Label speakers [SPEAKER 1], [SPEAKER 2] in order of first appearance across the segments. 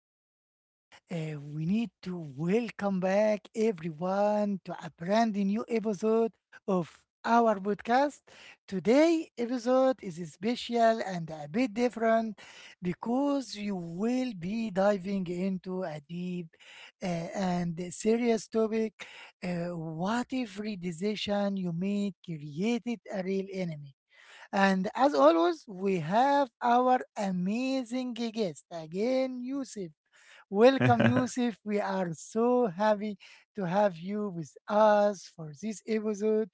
[SPEAKER 1] Today we need to welcome back everyone to a brand new episode of our podcast. Today episode is special and a bit different because you will be diving into a deep and serious topic. What if decision you made created a real enemy? And as always, we have our amazing guest again, Yusuf. Welcome, Yusuf. We are so happy to have you with us for this episode.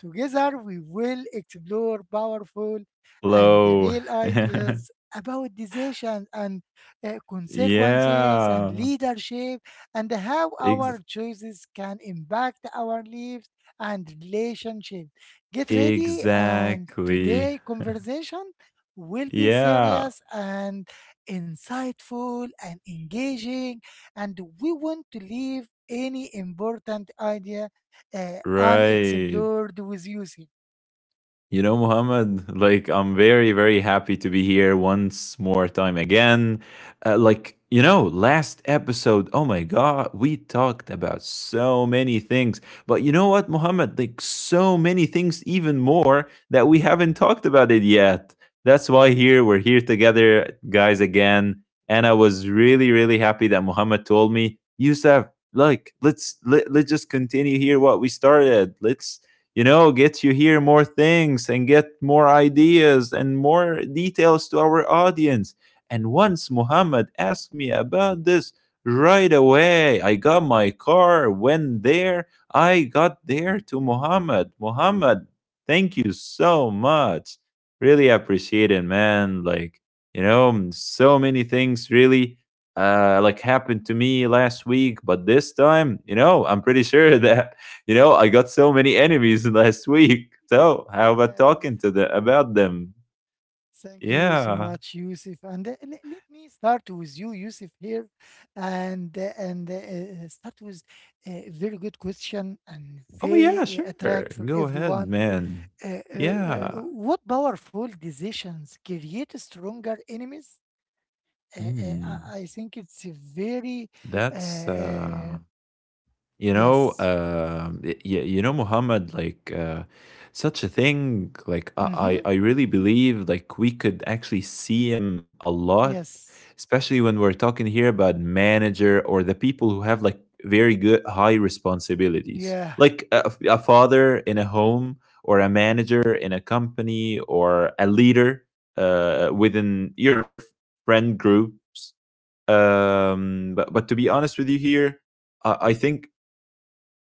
[SPEAKER 1] Together, we will explore powerful and the
[SPEAKER 2] Low.
[SPEAKER 1] real ideas about decisions and consequences and
[SPEAKER 2] Yeah.
[SPEAKER 1] leadership and how
[SPEAKER 2] Ex
[SPEAKER 1] our choices can impact our lives and relationship. Get ready, and
[SPEAKER 2] Exactly.
[SPEAKER 1] today conversation will be
[SPEAKER 2] Yeah.
[SPEAKER 1] serious and insightful and engaging, and we want to leave any important idea
[SPEAKER 2] Right.
[SPEAKER 1] unexplored with Yusuf.
[SPEAKER 2] You know, Mohammed, like I'm very, very happy to be here once more time again. You know, last episode, oh my God, we talked about so many things. But you know what, Mohammed, like so many things, even more that we haven't talked about it yet. That's why here we're here together, guys, again. And I was really, really happy that Mohammed told me, Youssef, like, let's just continue here what we started. Let's get you hear more things and get more ideas and more details to our audience. And once Muhammad asked me about this, right away I got my car, went there, I got there to Muhammad. Muhammad, thank you so much. Really appreciate it, man. Like, you know, so many things really happened to me last week, but this time, you know, I'm pretty sure that you know, I got so many enemies last week. So how about
[SPEAKER 1] Yes,
[SPEAKER 2] talking to the about them?
[SPEAKER 1] thank you so
[SPEAKER 2] Yeah.
[SPEAKER 1] much, Yusuf. Let me start with you, Yusuf, here, and start with a very good question and
[SPEAKER 2] Oh yeah,
[SPEAKER 1] very
[SPEAKER 2] sure.
[SPEAKER 1] attract for
[SPEAKER 2] Go ahead,
[SPEAKER 1] everyone.
[SPEAKER 2] man.
[SPEAKER 1] Uh, uh,
[SPEAKER 2] Yeah.
[SPEAKER 1] what powerful decisions create stronger enemies? Uh, uh,
[SPEAKER 2] Hmm.
[SPEAKER 1] I think it's a very. uh,
[SPEAKER 2] That's
[SPEAKER 1] uh,
[SPEAKER 2] You know,
[SPEAKER 1] yes.
[SPEAKER 2] you, You know, Muhammad, such a thing. Like
[SPEAKER 1] Mm-hmm.
[SPEAKER 2] I really believe like we could actually see him a lot,
[SPEAKER 1] Yes,
[SPEAKER 2] especially when we're talking here about manager or the people who have like very good high responsibilities,
[SPEAKER 1] yeah,
[SPEAKER 2] like a, a father in a home or a manager in a company or a leader within your friend groups. But to be honest with you here, I think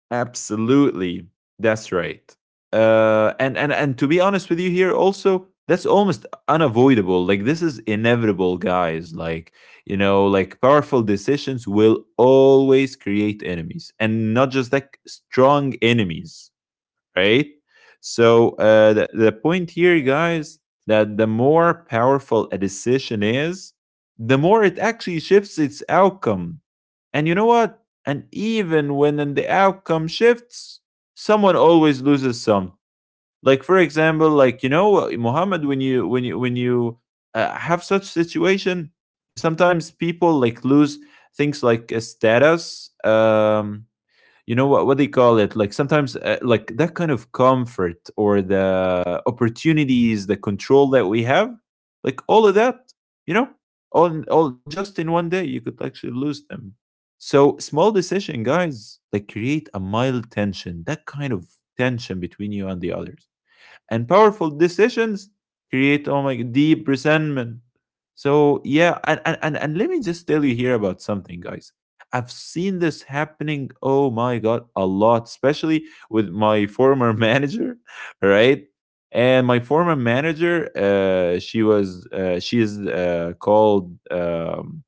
[SPEAKER 2] absolutely. That's right. And to be honest with you here also that's almost unavoidable. Like this is inevitable, guys. Like, you know, like powerful decisions will always create enemies and not just like strong enemies, right? So the point here,
[SPEAKER 1] yes,
[SPEAKER 2] guys,
[SPEAKER 1] right,
[SPEAKER 2] that the more powerful a decision is, the more it actually shifts its outcome. And you know what? And even when in the outcome shifts, someone always loses some. Like for example, like you know, Muhammad, when you have such situation, you sometimes people like lose things like a status. You know what they call it like sometimes like that kind of comfort or the opportunities the control that we have, like all of that, you know, all just in one day you could actually lose them. So small decision, guys, like create a mild tension, that kind of tension between you and the others, and powerful decisions create, oh my, deep resentment. So yeah, and let me just tell you here about something, guys. I've seen this happening, oh my god, a lot, especially with my former manager, right? And my former manager, she is called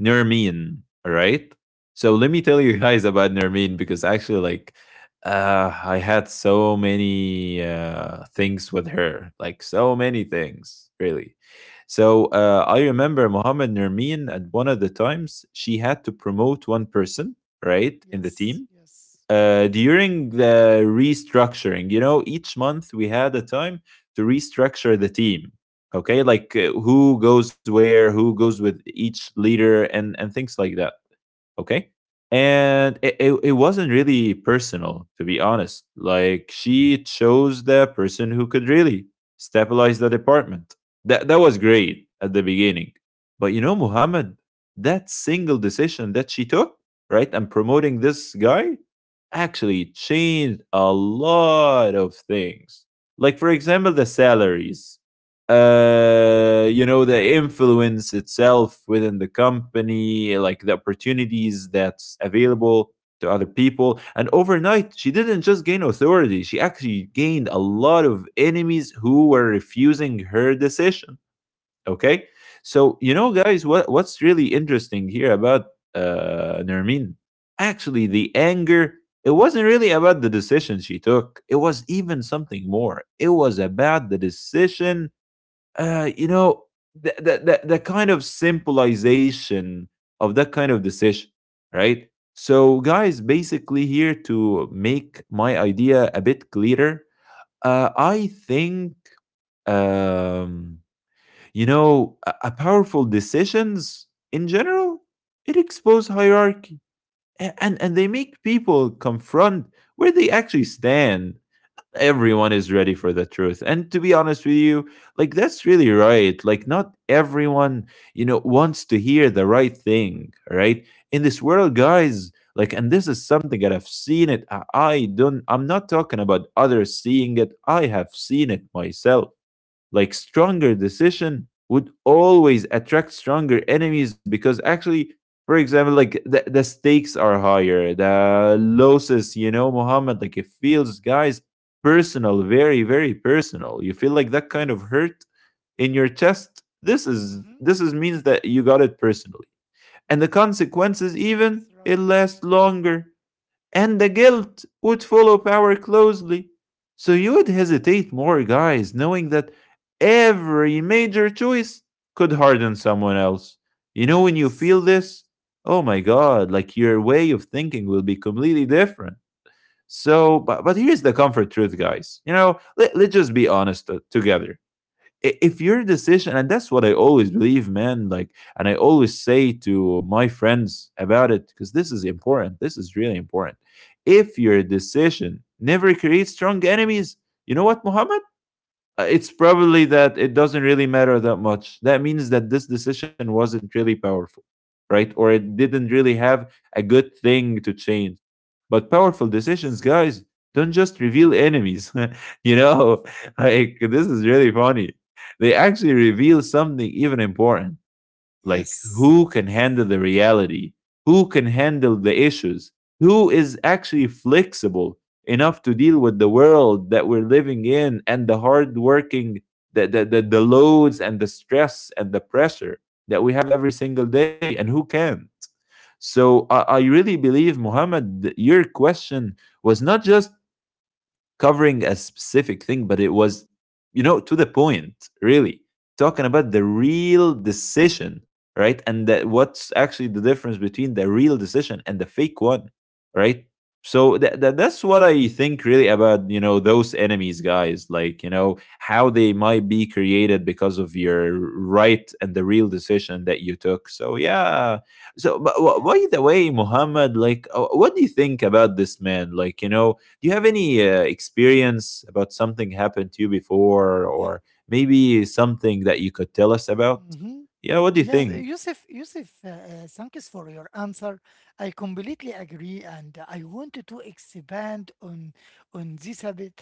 [SPEAKER 2] Nermeen, all right? So let me tell you guys about Nermeen because actually, like, I had so many things with her, like so many things, really. So I remember Mohammed Nermeen at one of the times she had to promote one person, right, in the
[SPEAKER 1] yes,
[SPEAKER 2] team
[SPEAKER 1] yes,
[SPEAKER 2] during the restructuring. You know, each month we had a time to restructure the team. Okay, like who goes where, who goes with each leader, and things like that, okay. And it wasn't really personal, to be honest. Like she chose the person who could really stabilize the department. That that was great at the beginning, but you know, Muhammad, that single decision that she took, right, and promoting this guy, actually changed a lot of things, like for example the salaries, uh, you know, the influence itself within the company, like the opportunities that's available to other people. And overnight she didn't just gain authority, she actually gained a lot of enemies who were refusing her decision. Okay. So you know guys what what's really interesting here about Nermin, actually the anger, it wasn't really about the decision she took, it was even something more. It was about the decision, you know, the kind of symbolization of that kind of decision, right? So, guys, basically, here to make my idea a bit clearer, I think, um, you know, a powerful decisions in general, it expose hierarchy and they make people confront where they actually stand. Everyone is ready for the truth, and to be honest with you, like that's really right. Like not everyone, you know, wants to hear the right thing, right? In this world, guys, like, and this is something that I've seen it. I don't, I'm not talking about others seeing it, I have seen it myself. Like stronger decision would always attract stronger enemies, because actually for example like the stakes are higher, the losses, you know, Muhammad, like it feels, guys, personal, very very personal. You feel like that kind of
[SPEAKER 1] yes,
[SPEAKER 2] hurt in your chest.
[SPEAKER 1] mm-hmm.
[SPEAKER 2] This is means that you got it personally. And the
[SPEAKER 1] Right,
[SPEAKER 2] consequences even
[SPEAKER 1] yes,
[SPEAKER 2] it
[SPEAKER 1] right,
[SPEAKER 2] lasts longer. And the guilt would follow power closely. So you would
[SPEAKER 1] wow,
[SPEAKER 2] hesitate more, guys, knowing that every major choice could harden someone else. You know, when you feel
[SPEAKER 1] yes,
[SPEAKER 2] this, oh my God, like your way of thinking will be completely different. So, but here's the comfort truth, guys. You know, let's just be honest together. If your decision, and that's what I always believe, man, like, and I always say to my friends about it because this is important, this is really important. If your decision never creates strong enemies, you know what, Muhammad, uh, it's probably that it doesn't really matter that much. That means that this decision wasn't really powerful, right? Or it
[SPEAKER 1] mm-hmm.
[SPEAKER 2] didn't really have a good thing to change. But powerful decisions,
[SPEAKER 1] Yes,
[SPEAKER 2] guys, don't just reveal enemies. You know, like this is really funny. They
[SPEAKER 1] oh
[SPEAKER 2] actually
[SPEAKER 1] my
[SPEAKER 2] reveal
[SPEAKER 1] God,
[SPEAKER 2] something even important, like
[SPEAKER 1] yes,
[SPEAKER 2] who can handle the reality, who can handle the issues, who is actually flexible enough to deal with the world that we're living in and the hard working, the loads and the stress and the pressure that we have every single day, and who can't. So I really believe, Muhammad, your question was not just covering a specific thing, but it was, you know, to the point, really, talking about the real decision, right? And that what's actually the difference between the real decision and the fake one, right? So that that's what I think really about, you know, those enemies, guys, like, you know, how they might be created because of your right and the real decision that you took. So, yeah. So, but, by
[SPEAKER 1] yes,
[SPEAKER 2] the way, Muhammad, like, what do you think about this, man? Like, you know, do you have any
[SPEAKER 1] oh,
[SPEAKER 2] experience about something happened to you before,
[SPEAKER 1] eh,
[SPEAKER 2] or maybe
[SPEAKER 1] eh.
[SPEAKER 2] something that you could tell us about?
[SPEAKER 1] Mm-hmm.
[SPEAKER 2] Yeah, what do you
[SPEAKER 1] Yes,
[SPEAKER 2] think?
[SPEAKER 1] Yusuf, Yusuf, thanks for your answer. I completely agree, and I wanted to expand on this a bit.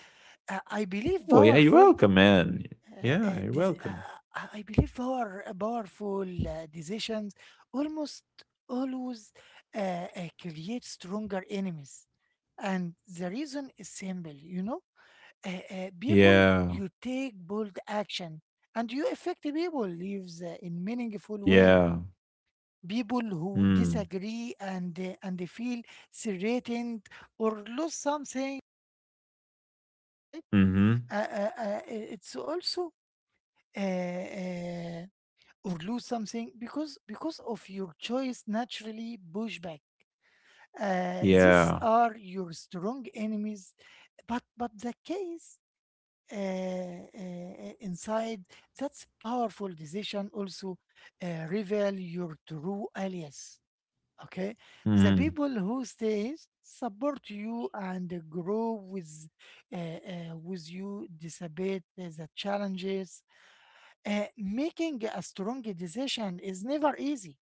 [SPEAKER 1] Uh, I believe
[SPEAKER 2] Oh, yeah, you're
[SPEAKER 1] powerful,
[SPEAKER 2] welcome, man.
[SPEAKER 1] uh,
[SPEAKER 2] Yeah,
[SPEAKER 1] uh,
[SPEAKER 2] you're
[SPEAKER 1] this, uh,
[SPEAKER 2] welcome.
[SPEAKER 1] powerful decisions almost always uh, create stronger enemies, and the reason is simple. You know, people,
[SPEAKER 2] Yeah,
[SPEAKER 1] you take bold action, and you affect people lives in meaningful ways.
[SPEAKER 2] yeah.
[SPEAKER 1] People who
[SPEAKER 2] Mm.
[SPEAKER 1] disagree and they feel threatened or lose something, right.
[SPEAKER 2] Mm-hmm.
[SPEAKER 1] uh, uh, uh, it's also uh, uh, or lose something because of your choice naturally pushback. These
[SPEAKER 2] Yeah.
[SPEAKER 1] are your strong enemies. But the case inside that's powerful decision also reveal your true alias. Okay, the
[SPEAKER 2] Mm.
[SPEAKER 1] people who stays support you and grow uh, with you, despite the challenges. Making a strong decision is never easy.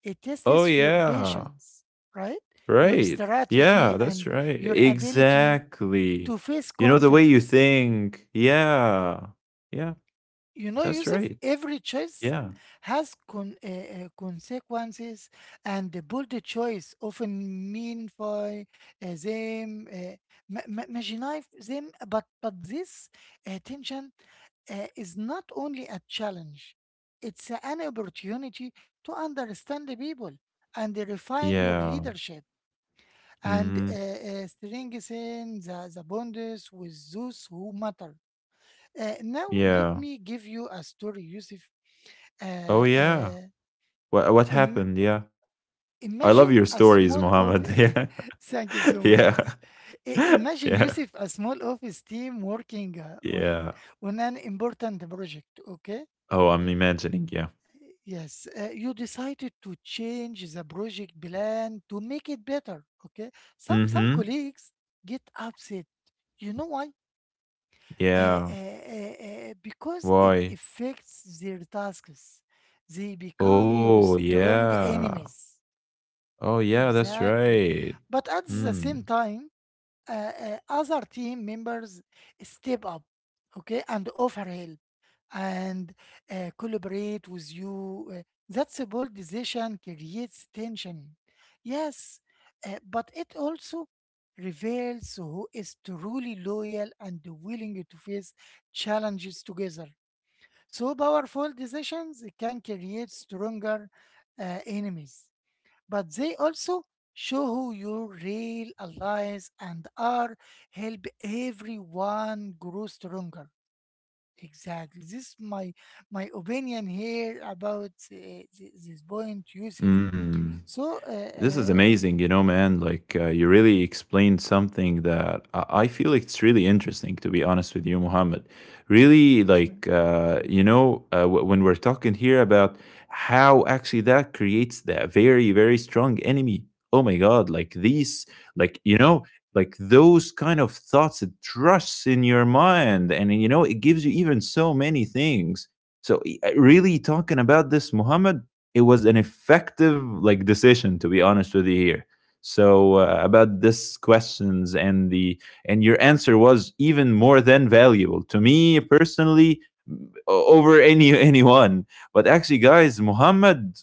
[SPEAKER 1] It
[SPEAKER 2] Oh,
[SPEAKER 1] tests your
[SPEAKER 2] yeah.
[SPEAKER 1] patience, right? Your
[SPEAKER 2] Right.
[SPEAKER 1] strategy
[SPEAKER 2] Yeah, that's
[SPEAKER 1] and
[SPEAKER 2] right.
[SPEAKER 1] your ability
[SPEAKER 2] Exactly.
[SPEAKER 1] to face
[SPEAKER 2] You know, the way you
[SPEAKER 1] conflicts.
[SPEAKER 2] think. Yeah. Yeah,
[SPEAKER 1] You know,
[SPEAKER 2] that's
[SPEAKER 1] Yusuf,
[SPEAKER 2] right.
[SPEAKER 1] every choice
[SPEAKER 2] Yeah.
[SPEAKER 1] has consequences, and the bold choice often mean for them, marginalize them. But this tension is not only a challenge; it's an opportunity to understand the people and refine your
[SPEAKER 2] Yeah.
[SPEAKER 1] leadership and
[SPEAKER 2] Mm-hmm.
[SPEAKER 1] strengthen the bonds with those who matter. Now let
[SPEAKER 2] Yeah.
[SPEAKER 1] me give you a story, Yusuf.
[SPEAKER 2] Oh
[SPEAKER 1] Uh,
[SPEAKER 2] yeah.
[SPEAKER 1] uh,
[SPEAKER 2] What
[SPEAKER 1] im-
[SPEAKER 2] happened? Yeah. I love
[SPEAKER 1] Imagine
[SPEAKER 2] your
[SPEAKER 1] a
[SPEAKER 2] stories,
[SPEAKER 1] small
[SPEAKER 2] Mohammed.
[SPEAKER 1] office.
[SPEAKER 2] Yeah.
[SPEAKER 1] Thank you so
[SPEAKER 2] Yeah.
[SPEAKER 1] much. Imagine,
[SPEAKER 2] Yeah.
[SPEAKER 1] Yusuf, a small office team working uh, on
[SPEAKER 2] Yeah.
[SPEAKER 1] on an important project. Okay.
[SPEAKER 2] Oh, I'm imagining, yeah.
[SPEAKER 1] Yes, you decided to change the project plan to make it better. Okay. Some
[SPEAKER 2] Mm-hmm.
[SPEAKER 1] colleagues get upset. You know why? uh, uh,
[SPEAKER 2] Yeah.
[SPEAKER 1] uh, uh, because it
[SPEAKER 2] Why?
[SPEAKER 1] affects their tasks. They become your
[SPEAKER 2] Oh
[SPEAKER 1] strong
[SPEAKER 2] yeah.
[SPEAKER 1] enemies.
[SPEAKER 2] Oh yeah, that's
[SPEAKER 1] Exactly.
[SPEAKER 2] right.
[SPEAKER 1] But at the
[SPEAKER 2] Hmm.
[SPEAKER 1] same time, uh, other team members step up, okay, and offer help and collaborate with you. That's a bold decision creates tension. Yes, but it also reveals who is truly loyal and willing to face challenges together. So powerful decisions can create stronger enemies, but they also show who your real allies and are help everyone grow stronger. Exactly. This is my opinion here about this point, Yusuf.
[SPEAKER 2] Hmm.
[SPEAKER 1] So, uh,
[SPEAKER 2] This is
[SPEAKER 1] uh,
[SPEAKER 2] amazing, you know, man. Like, you really explained something that I feel like it's really interesting, to be honest with you, Muhammad. Really,
[SPEAKER 1] so-
[SPEAKER 2] like, you know, when we're talking here about how actually that creates that very, very strong enemy. Oh my God, like these, like, you know, like those kind of thoughts, it trusts in your mind. And, you know, it gives you even so many things. So, really talking about this, Muhammad, it was an effective like decision, to be honest with you here. So about this questions and the and your answer was even more than valuable to me personally, over any anyone. But actually, guys, Muhammad,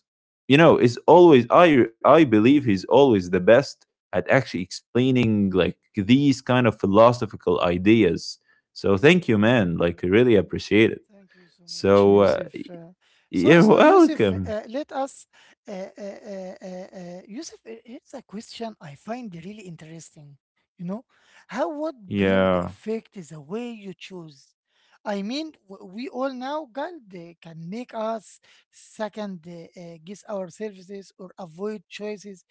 [SPEAKER 2] you know, is always, I believe he's always the best at actually explaining like these kind of philosophical ideas. So thank you, man,
[SPEAKER 1] Mhm.
[SPEAKER 2] like I really appreciate it.
[SPEAKER 1] Thank you so much,
[SPEAKER 2] So
[SPEAKER 1] Yusuf. Uh, so,
[SPEAKER 2] you're
[SPEAKER 1] so Yusuf,
[SPEAKER 2] welcome.
[SPEAKER 1] here's a question I find really interesting. You know, how would guilt
[SPEAKER 2] Yeah.
[SPEAKER 1] affect the way you choose? I mean, we all know guilt can make us second guess our services or avoid choices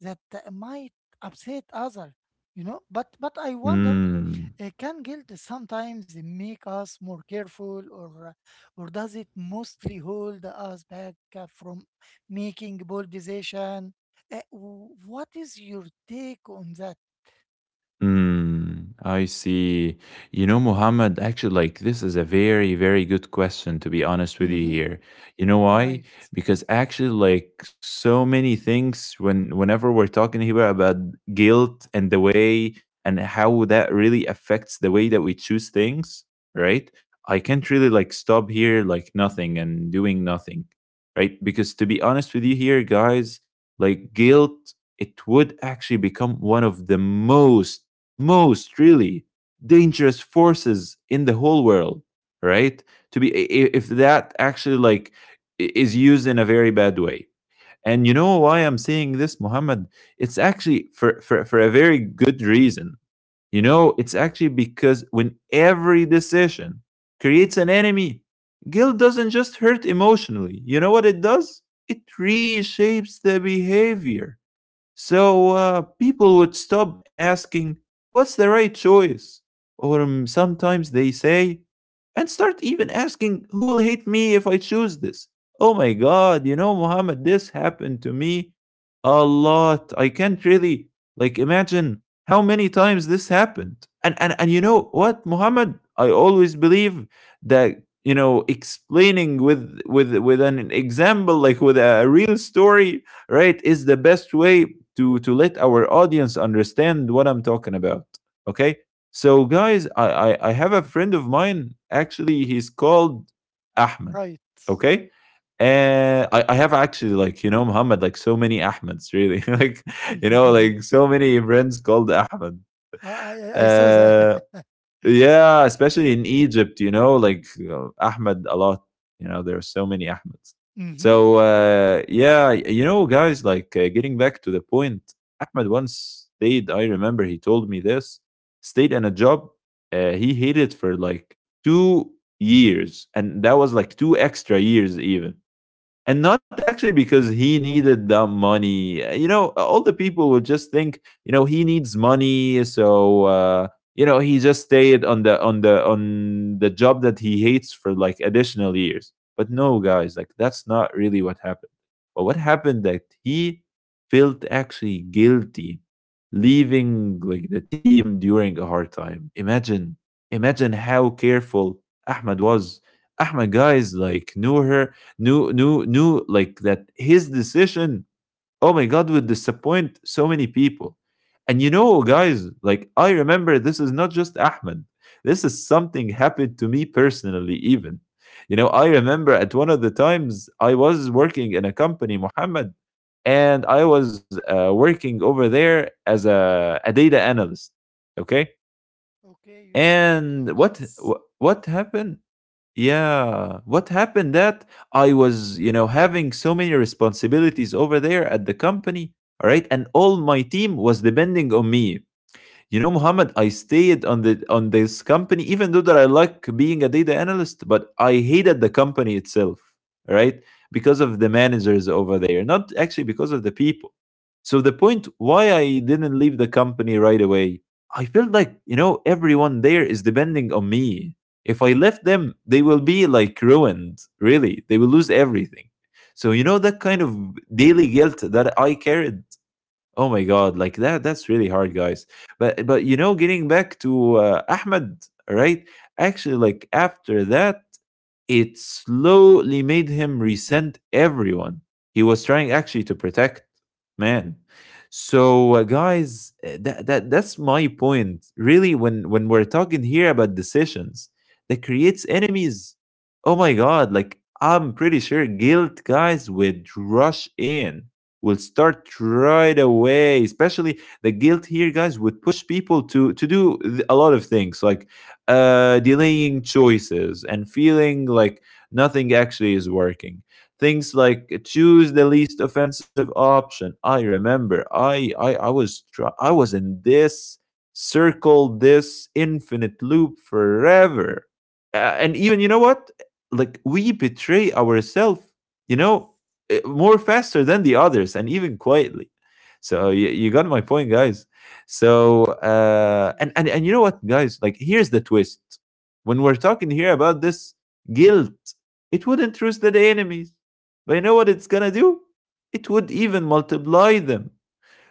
[SPEAKER 1] that might upset other. You know, but I wonder
[SPEAKER 2] 嗯，
[SPEAKER 1] can guilt sometimes make us more careful, or does it mostly hold us back from making bold decision? What is your take on that?
[SPEAKER 2] Mm, I see. You know, Muhammad, actually, like, this is a very, very good question, to be honest with you
[SPEAKER 1] Mm-hmm.
[SPEAKER 2] here. You know why?
[SPEAKER 1] Right.
[SPEAKER 2] Because actually, like, so many things when whenever we're talking here about guilt and the way and how that really affects the way that we choose things, right? I can't really like stop here like nothing and doing nothing, right? Because to be honest with you here, guys, like guilt it would actually become one of the most really dangerous forces in the whole world, right, to be if that actually like is used in a very bad way. And you know why I'm saying this, Muhammad? It's actually for a very good reason. You know, it's actually because when every decision creates an enemy, guilt doesn't just hurt emotionally. You know what it does? It reshapes the behavior. So people would stop asking, "What's the right choice?" Or sometimes they say, and start even asking, "Who will hate me if I choose this?" Oh my God, you know, Muhammad, this happened to me a lot. I can't really, like, imagine how many times this happened. And you know what, Muhammad? I always believe that, you know, explaining with with an example, like with a real story, right, is the best way to let our audience understand what I'm talking about. Okay, so guys, I have a friend of mine. Actually,
[SPEAKER 1] Mm-hmm.
[SPEAKER 2] he's called Ahmed.
[SPEAKER 1] Right.
[SPEAKER 2] Okay. And I have actually, like, you know, Muhammad, like, so many Ahmeds really like, you know,
[SPEAKER 1] Mhm.
[SPEAKER 2] like so many friends called Ahmed.
[SPEAKER 1] I saw that.
[SPEAKER 2] Uh, yeah, especially in Egypt, you know, like Ahmed a lot. You know, there are so many Ahmeds.
[SPEAKER 1] Mm-hmm.
[SPEAKER 2] So yeah, you know, guys, like, getting back to the point, Ahmed once stayed. I remember he told me this. Stayed in a job he hated for like 2 years, and that was like two extra years even, and not actually because he needed that money. You know, all the people would just think, you know, he needs money. So you know, he just stayed on the on the job that he hates for like additional years. But no, guys, like, that's not really what happened. But what happened, that he felt actually guilty leaving like the team during a hard time. Imagine, imagine how careful Ahmed was. Ahmed, guys, like, knew her, knew like that his decision, oh my God, would disappoint so many people. And you know, guys, like, I remember, this is not just Ahmed, this is something happened to me personally even. You know, I remember at one of the times I was working in a company, Muhammad, and I was working over there as a data analyst. Okay.
[SPEAKER 1] Okay, Yusuf. Okay.
[SPEAKER 2] And what,
[SPEAKER 1] Yes.
[SPEAKER 2] what happened? Yeah. What happened, that I was, you know, having so many responsibilities over there at the company, all right? And all my team was depending on me. You know, Muhammad, I stayed on the on this company, even though that I like being a data analyst, but I hated the company itself, right? Because of the managers over there, not actually because of the people. So the point, why I didn't leave the company right away? I felt like, you know, everyone there is depending on me. If I left them, they will be like ruined, really, they will lose everything. So you know, that kind of daily guilt that I carried, oh my God, like that, that's really hard, guys. But you know, getting back to Ahmed, right? Actually, like, after that, it slowly made him resent everyone he was trying actually to protect. Man, so guys, that that's my point. Really, when we're talking here about decisions that creates enemies, oh my God! Like, I'm pretty sure guilt, guys, would rush in, will start right away. Especially the guilt here, guys, would push people to a lot of things. Like delaying choices and feeling like nothing actually is working. Things like choose the least offensive option. I remember I was in this circle, this infinite loop forever. And even you know what? Like, we betray ourselves, you
[SPEAKER 1] Yes.
[SPEAKER 2] know, eh, more
[SPEAKER 1] Yes.
[SPEAKER 2] faster than the others, and even quietly. So you,
[SPEAKER 1] Mm-hmm.
[SPEAKER 2] you got my point, guys. So
[SPEAKER 1] Yes,
[SPEAKER 2] and and
[SPEAKER 1] Yusuf.
[SPEAKER 2] and you know
[SPEAKER 1] Yes.
[SPEAKER 2] what, guys? Like, here's the twist. When we're talking here about this guilt, it wouldn't roast the enemies, but you know what it's gonna do? It would even multiply them.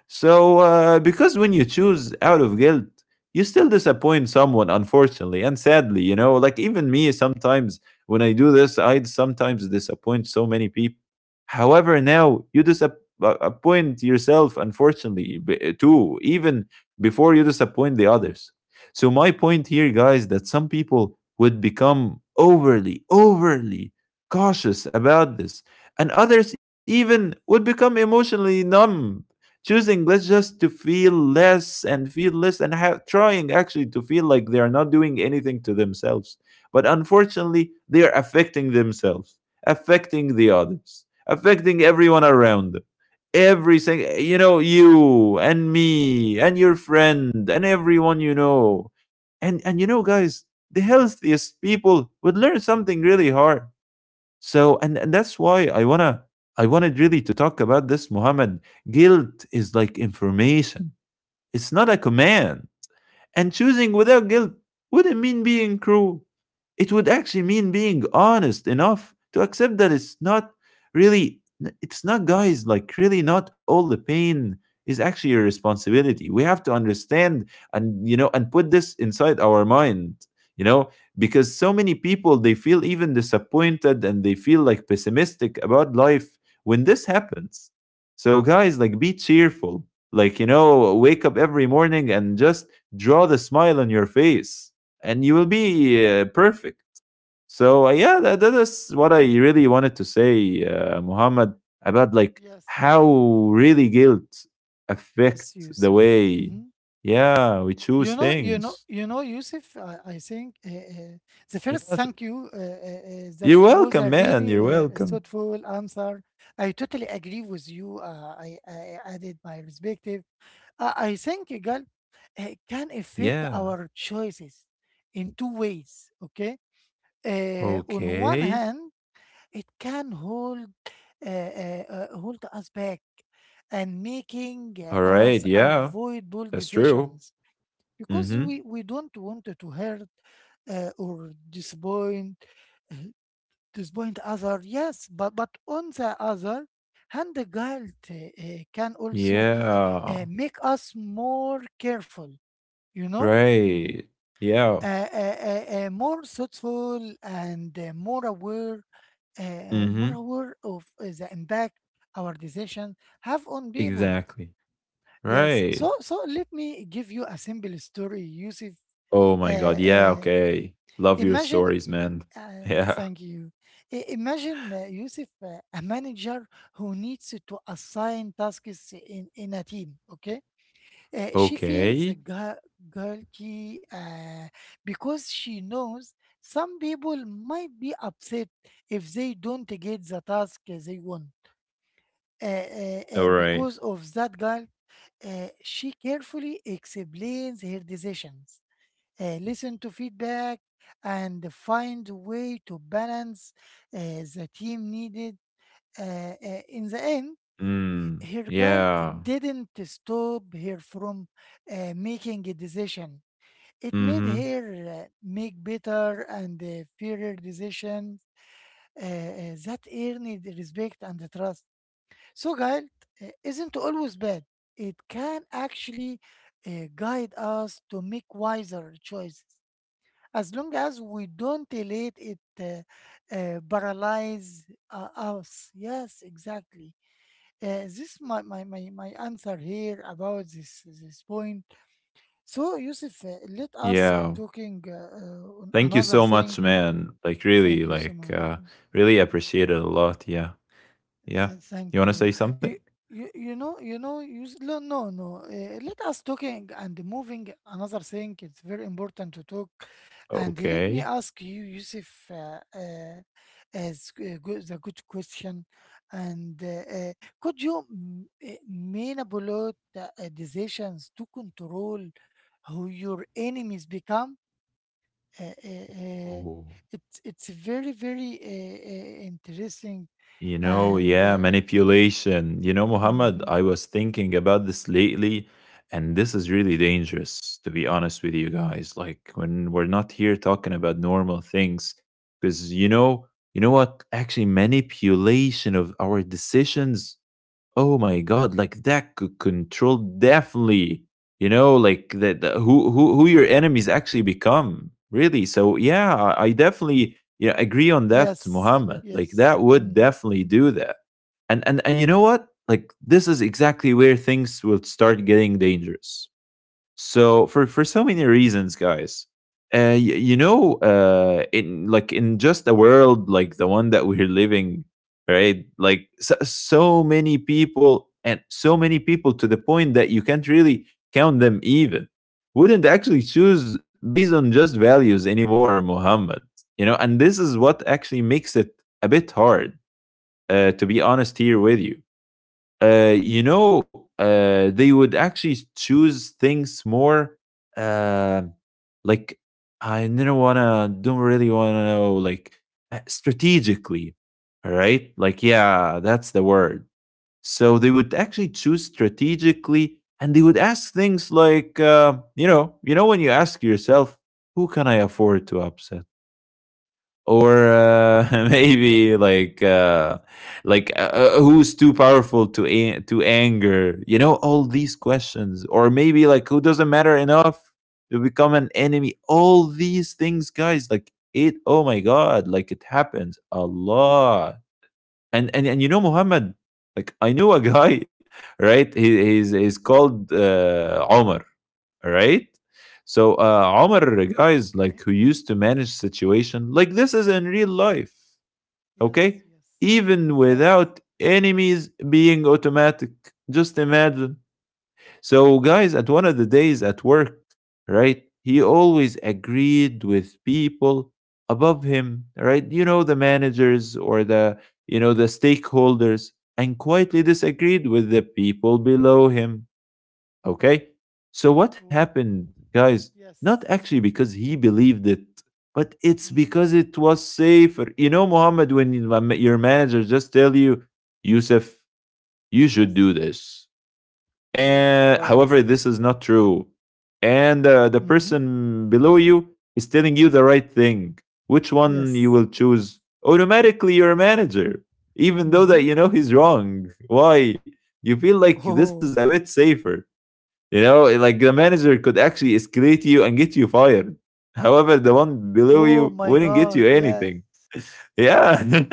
[SPEAKER 2] So, because when you choose out of guilt, you still disappoint someone, unfortunately, and sadly, you know, like, even me sometimes, when I do this, I sometimes disappoint so many people. However, now you disappoint yourself, unfortunately, too, even before you disappoint the others. So, my point here, guys, that some people would become overly cautious about this, and others even would become emotionally numb, choosing less just to feel less and have trying actually to feel like they are not doing anything to themselves. But unfortunately they are affecting themselves, affecting the others, affecting everyone around them, everything, you know, you and me and your friend and everyone you know. And you know, guys, the healthiest people would learn something really hard. So and that's why I wanna I wanted really to talk about this, Muhammad. Guilt is like information. It's not a command. And choosing without guilt wouldn't mean being cruel. It would actually mean being honest enough to accept that really, it's not, guys, like, really not all the pain is actually your responsibility. We have to understand and, you know, and put this inside our mind, you know, because so many people, they feel even disappointed and they feel like pessimistic about life when this happens. So, guys, like, be cheerful. Like, you know, wake up every morning and just draw the smile on your face and you will be perfect. So yeah, that is what I really wanted to say, Muhammad, about like
[SPEAKER 1] Yes,
[SPEAKER 2] how
[SPEAKER 1] Yusuf. Yes.
[SPEAKER 2] really guilt affect
[SPEAKER 1] Yes,
[SPEAKER 2] the
[SPEAKER 1] Yusuf.
[SPEAKER 2] way,
[SPEAKER 1] Mm-hmm.
[SPEAKER 2] yeah, we choose things.
[SPEAKER 1] Yusuf, I think the
[SPEAKER 2] Yeah,
[SPEAKER 1] first thank you that
[SPEAKER 2] you're
[SPEAKER 1] was
[SPEAKER 2] welcome,
[SPEAKER 1] a
[SPEAKER 2] man. You're
[SPEAKER 1] really
[SPEAKER 2] welcome.
[SPEAKER 1] thoughtful answer. I totally agree with you. I added my perspective. I think, Igal, it can affect
[SPEAKER 2] Yeah.
[SPEAKER 1] our choices in two ways, okay? On one
[SPEAKER 2] Okay.
[SPEAKER 1] hand, it can hold us back and making
[SPEAKER 2] All right.
[SPEAKER 1] us
[SPEAKER 2] Yeah,
[SPEAKER 1] avoidable
[SPEAKER 2] that's true.
[SPEAKER 1] decisions because
[SPEAKER 2] Mm-hmm.
[SPEAKER 1] we don't want to hurt or disappoint uh, other, yes, but on the other hand, the guilt can also
[SPEAKER 2] Yeah.
[SPEAKER 1] make us more careful, you know,
[SPEAKER 2] Right. Yeah.
[SPEAKER 1] more thoughtful and more aware uh, uh,
[SPEAKER 2] Mm-hmm.
[SPEAKER 1] more aware of the impact our decision have on people.
[SPEAKER 2] Exactly.
[SPEAKER 1] Yes,
[SPEAKER 2] Right.
[SPEAKER 1] so let me give you a simple story, Yusuf.
[SPEAKER 2] Oh my God.
[SPEAKER 1] uh,
[SPEAKER 2] Yeah,
[SPEAKER 1] uh,
[SPEAKER 2] okay. Love your
[SPEAKER 1] Imagine.
[SPEAKER 2] stories, man.
[SPEAKER 1] Uh,
[SPEAKER 2] Yeah.
[SPEAKER 1] Thank you. Imagine, Yusuf, a manager who needs to assign tasks in a team, okay? She feels
[SPEAKER 2] Okay.
[SPEAKER 1] guilty because she knows some people might be upset if they don't get the task they want. Uh, uh,
[SPEAKER 2] All
[SPEAKER 1] uh,
[SPEAKER 2] right.
[SPEAKER 1] because of that guilt, she carefully explains her decisions, listen to feedback, and find a way to balance the team needed. In the end,
[SPEAKER 2] Mm.
[SPEAKER 1] her guilt
[SPEAKER 2] Yeah.
[SPEAKER 1] didn't stop her from making a decision. It made
[SPEAKER 2] Mhm.
[SPEAKER 1] her make better and fairer decisions that earned respect and trust. So, guilt isn't always bad. It can actually guide us to make wiser choices as long as we don't let it paralyze us. Yes, exactly. This is my answer here about this point. So, Yusuf, let us
[SPEAKER 2] Yeah.
[SPEAKER 1] talking on
[SPEAKER 2] Thank you
[SPEAKER 1] another
[SPEAKER 2] so much,
[SPEAKER 1] thing.
[SPEAKER 2] man. Like, really,
[SPEAKER 1] Thank you so
[SPEAKER 2] like,
[SPEAKER 1] much.
[SPEAKER 2] really appreciate it a lot. Yeah. Yeah. You
[SPEAKER 1] Thank
[SPEAKER 2] want to
[SPEAKER 1] you.
[SPEAKER 2] say something?
[SPEAKER 1] You, no, no, no. Let us talking and moving another thing. It's very important to talk. And let me
[SPEAKER 2] Okay.
[SPEAKER 1] ask you, Yusuf, as the good question. And uh, could you manipulate decisions to control who your enemies become? uh, uh, uh,
[SPEAKER 2] Oh.
[SPEAKER 1] it's very very interesting.
[SPEAKER 2] You know,
[SPEAKER 1] and
[SPEAKER 2] yeah,
[SPEAKER 1] uh, you-
[SPEAKER 2] manipulation. You know, Muhammad,
[SPEAKER 1] mhm.
[SPEAKER 2] I was thinking about this lately, and this is really dangerous, to be honest with you, guys. Like, when we're not here talking about normal things, because, you know what? Actually, manipulation of our decisions, oh my God, like, that could control, definitely, you know, like that, the who your enemies actually become, really. So yeah, I definitely, yeah, agree on that,
[SPEAKER 1] Yes,
[SPEAKER 2] Muhammad. Like,
[SPEAKER 1] yes,
[SPEAKER 2] that would
[SPEAKER 1] mhm.
[SPEAKER 2] definitely do that. And you know what? Like, this is exactly where things will start getting dangerous. So for so many reasons, guys, you know, in just a world like the one that we're living, right? Like so, so many people and so many people to the point that you can't really count them even, wouldn't actually choose based on just values anymore, Muhammad. You know, and this is what actually makes it a bit hard, to be honest here with you. You know, they would actually choose things more, uh, like, I do not wanna, don't really wanna know, like, strategically, all right? Like, yeah, that's the word. So they would actually choose strategically, and they would ask things like, you know, when you ask yourself, who can I afford to upset? Or maybe like, who's too powerful to to anger, you know, all these questions, or maybe like, who doesn't matter enough to become an enemy? All these things, guys, like, it, oh my God, like, it happens a lot. And you know, Muhammad, like, I knew a guy right, he's called Omar, all right? So Omar, guys, like,
[SPEAKER 1] Okay,
[SPEAKER 2] who used to manage situation like this is in real life,
[SPEAKER 1] yes,
[SPEAKER 2] okay?
[SPEAKER 1] yes,
[SPEAKER 2] Even
[SPEAKER 1] yes.
[SPEAKER 2] without enemies being automatic, just imagine. So guys, at one of the days at work, right? He always agreed with people above him, right? You know, the managers or the, you know, the stakeholders, and quietly disagreed with the people below him. Okay? So what
[SPEAKER 1] Oh,
[SPEAKER 2] happened, guys? Not
[SPEAKER 1] yes.
[SPEAKER 2] actually because he believed it, but it's
[SPEAKER 1] Hmm,
[SPEAKER 2] because it was safer. You know, Muhammad, when when your manager just tell you, Yusuf, you
[SPEAKER 1] yes.
[SPEAKER 2] should do this.
[SPEAKER 1] Oh my
[SPEAKER 2] And
[SPEAKER 1] God.
[SPEAKER 2] however, this is not true. And the
[SPEAKER 1] Hmm,
[SPEAKER 2] person below you is telling you the right thing. Which one you
[SPEAKER 1] yes.
[SPEAKER 2] will choose? Automatically, your manager, even though that you
[SPEAKER 1] Hmm.
[SPEAKER 2] know he's wrong. Why? You feel like this is
[SPEAKER 1] Oh,
[SPEAKER 2] a bit safer, you know, eh, like, the manager could actually escalate you and get you fired. However, the one below
[SPEAKER 1] oh
[SPEAKER 2] you
[SPEAKER 1] my
[SPEAKER 2] wouldn't get you
[SPEAKER 1] God, yes.
[SPEAKER 2] anything. Yeah.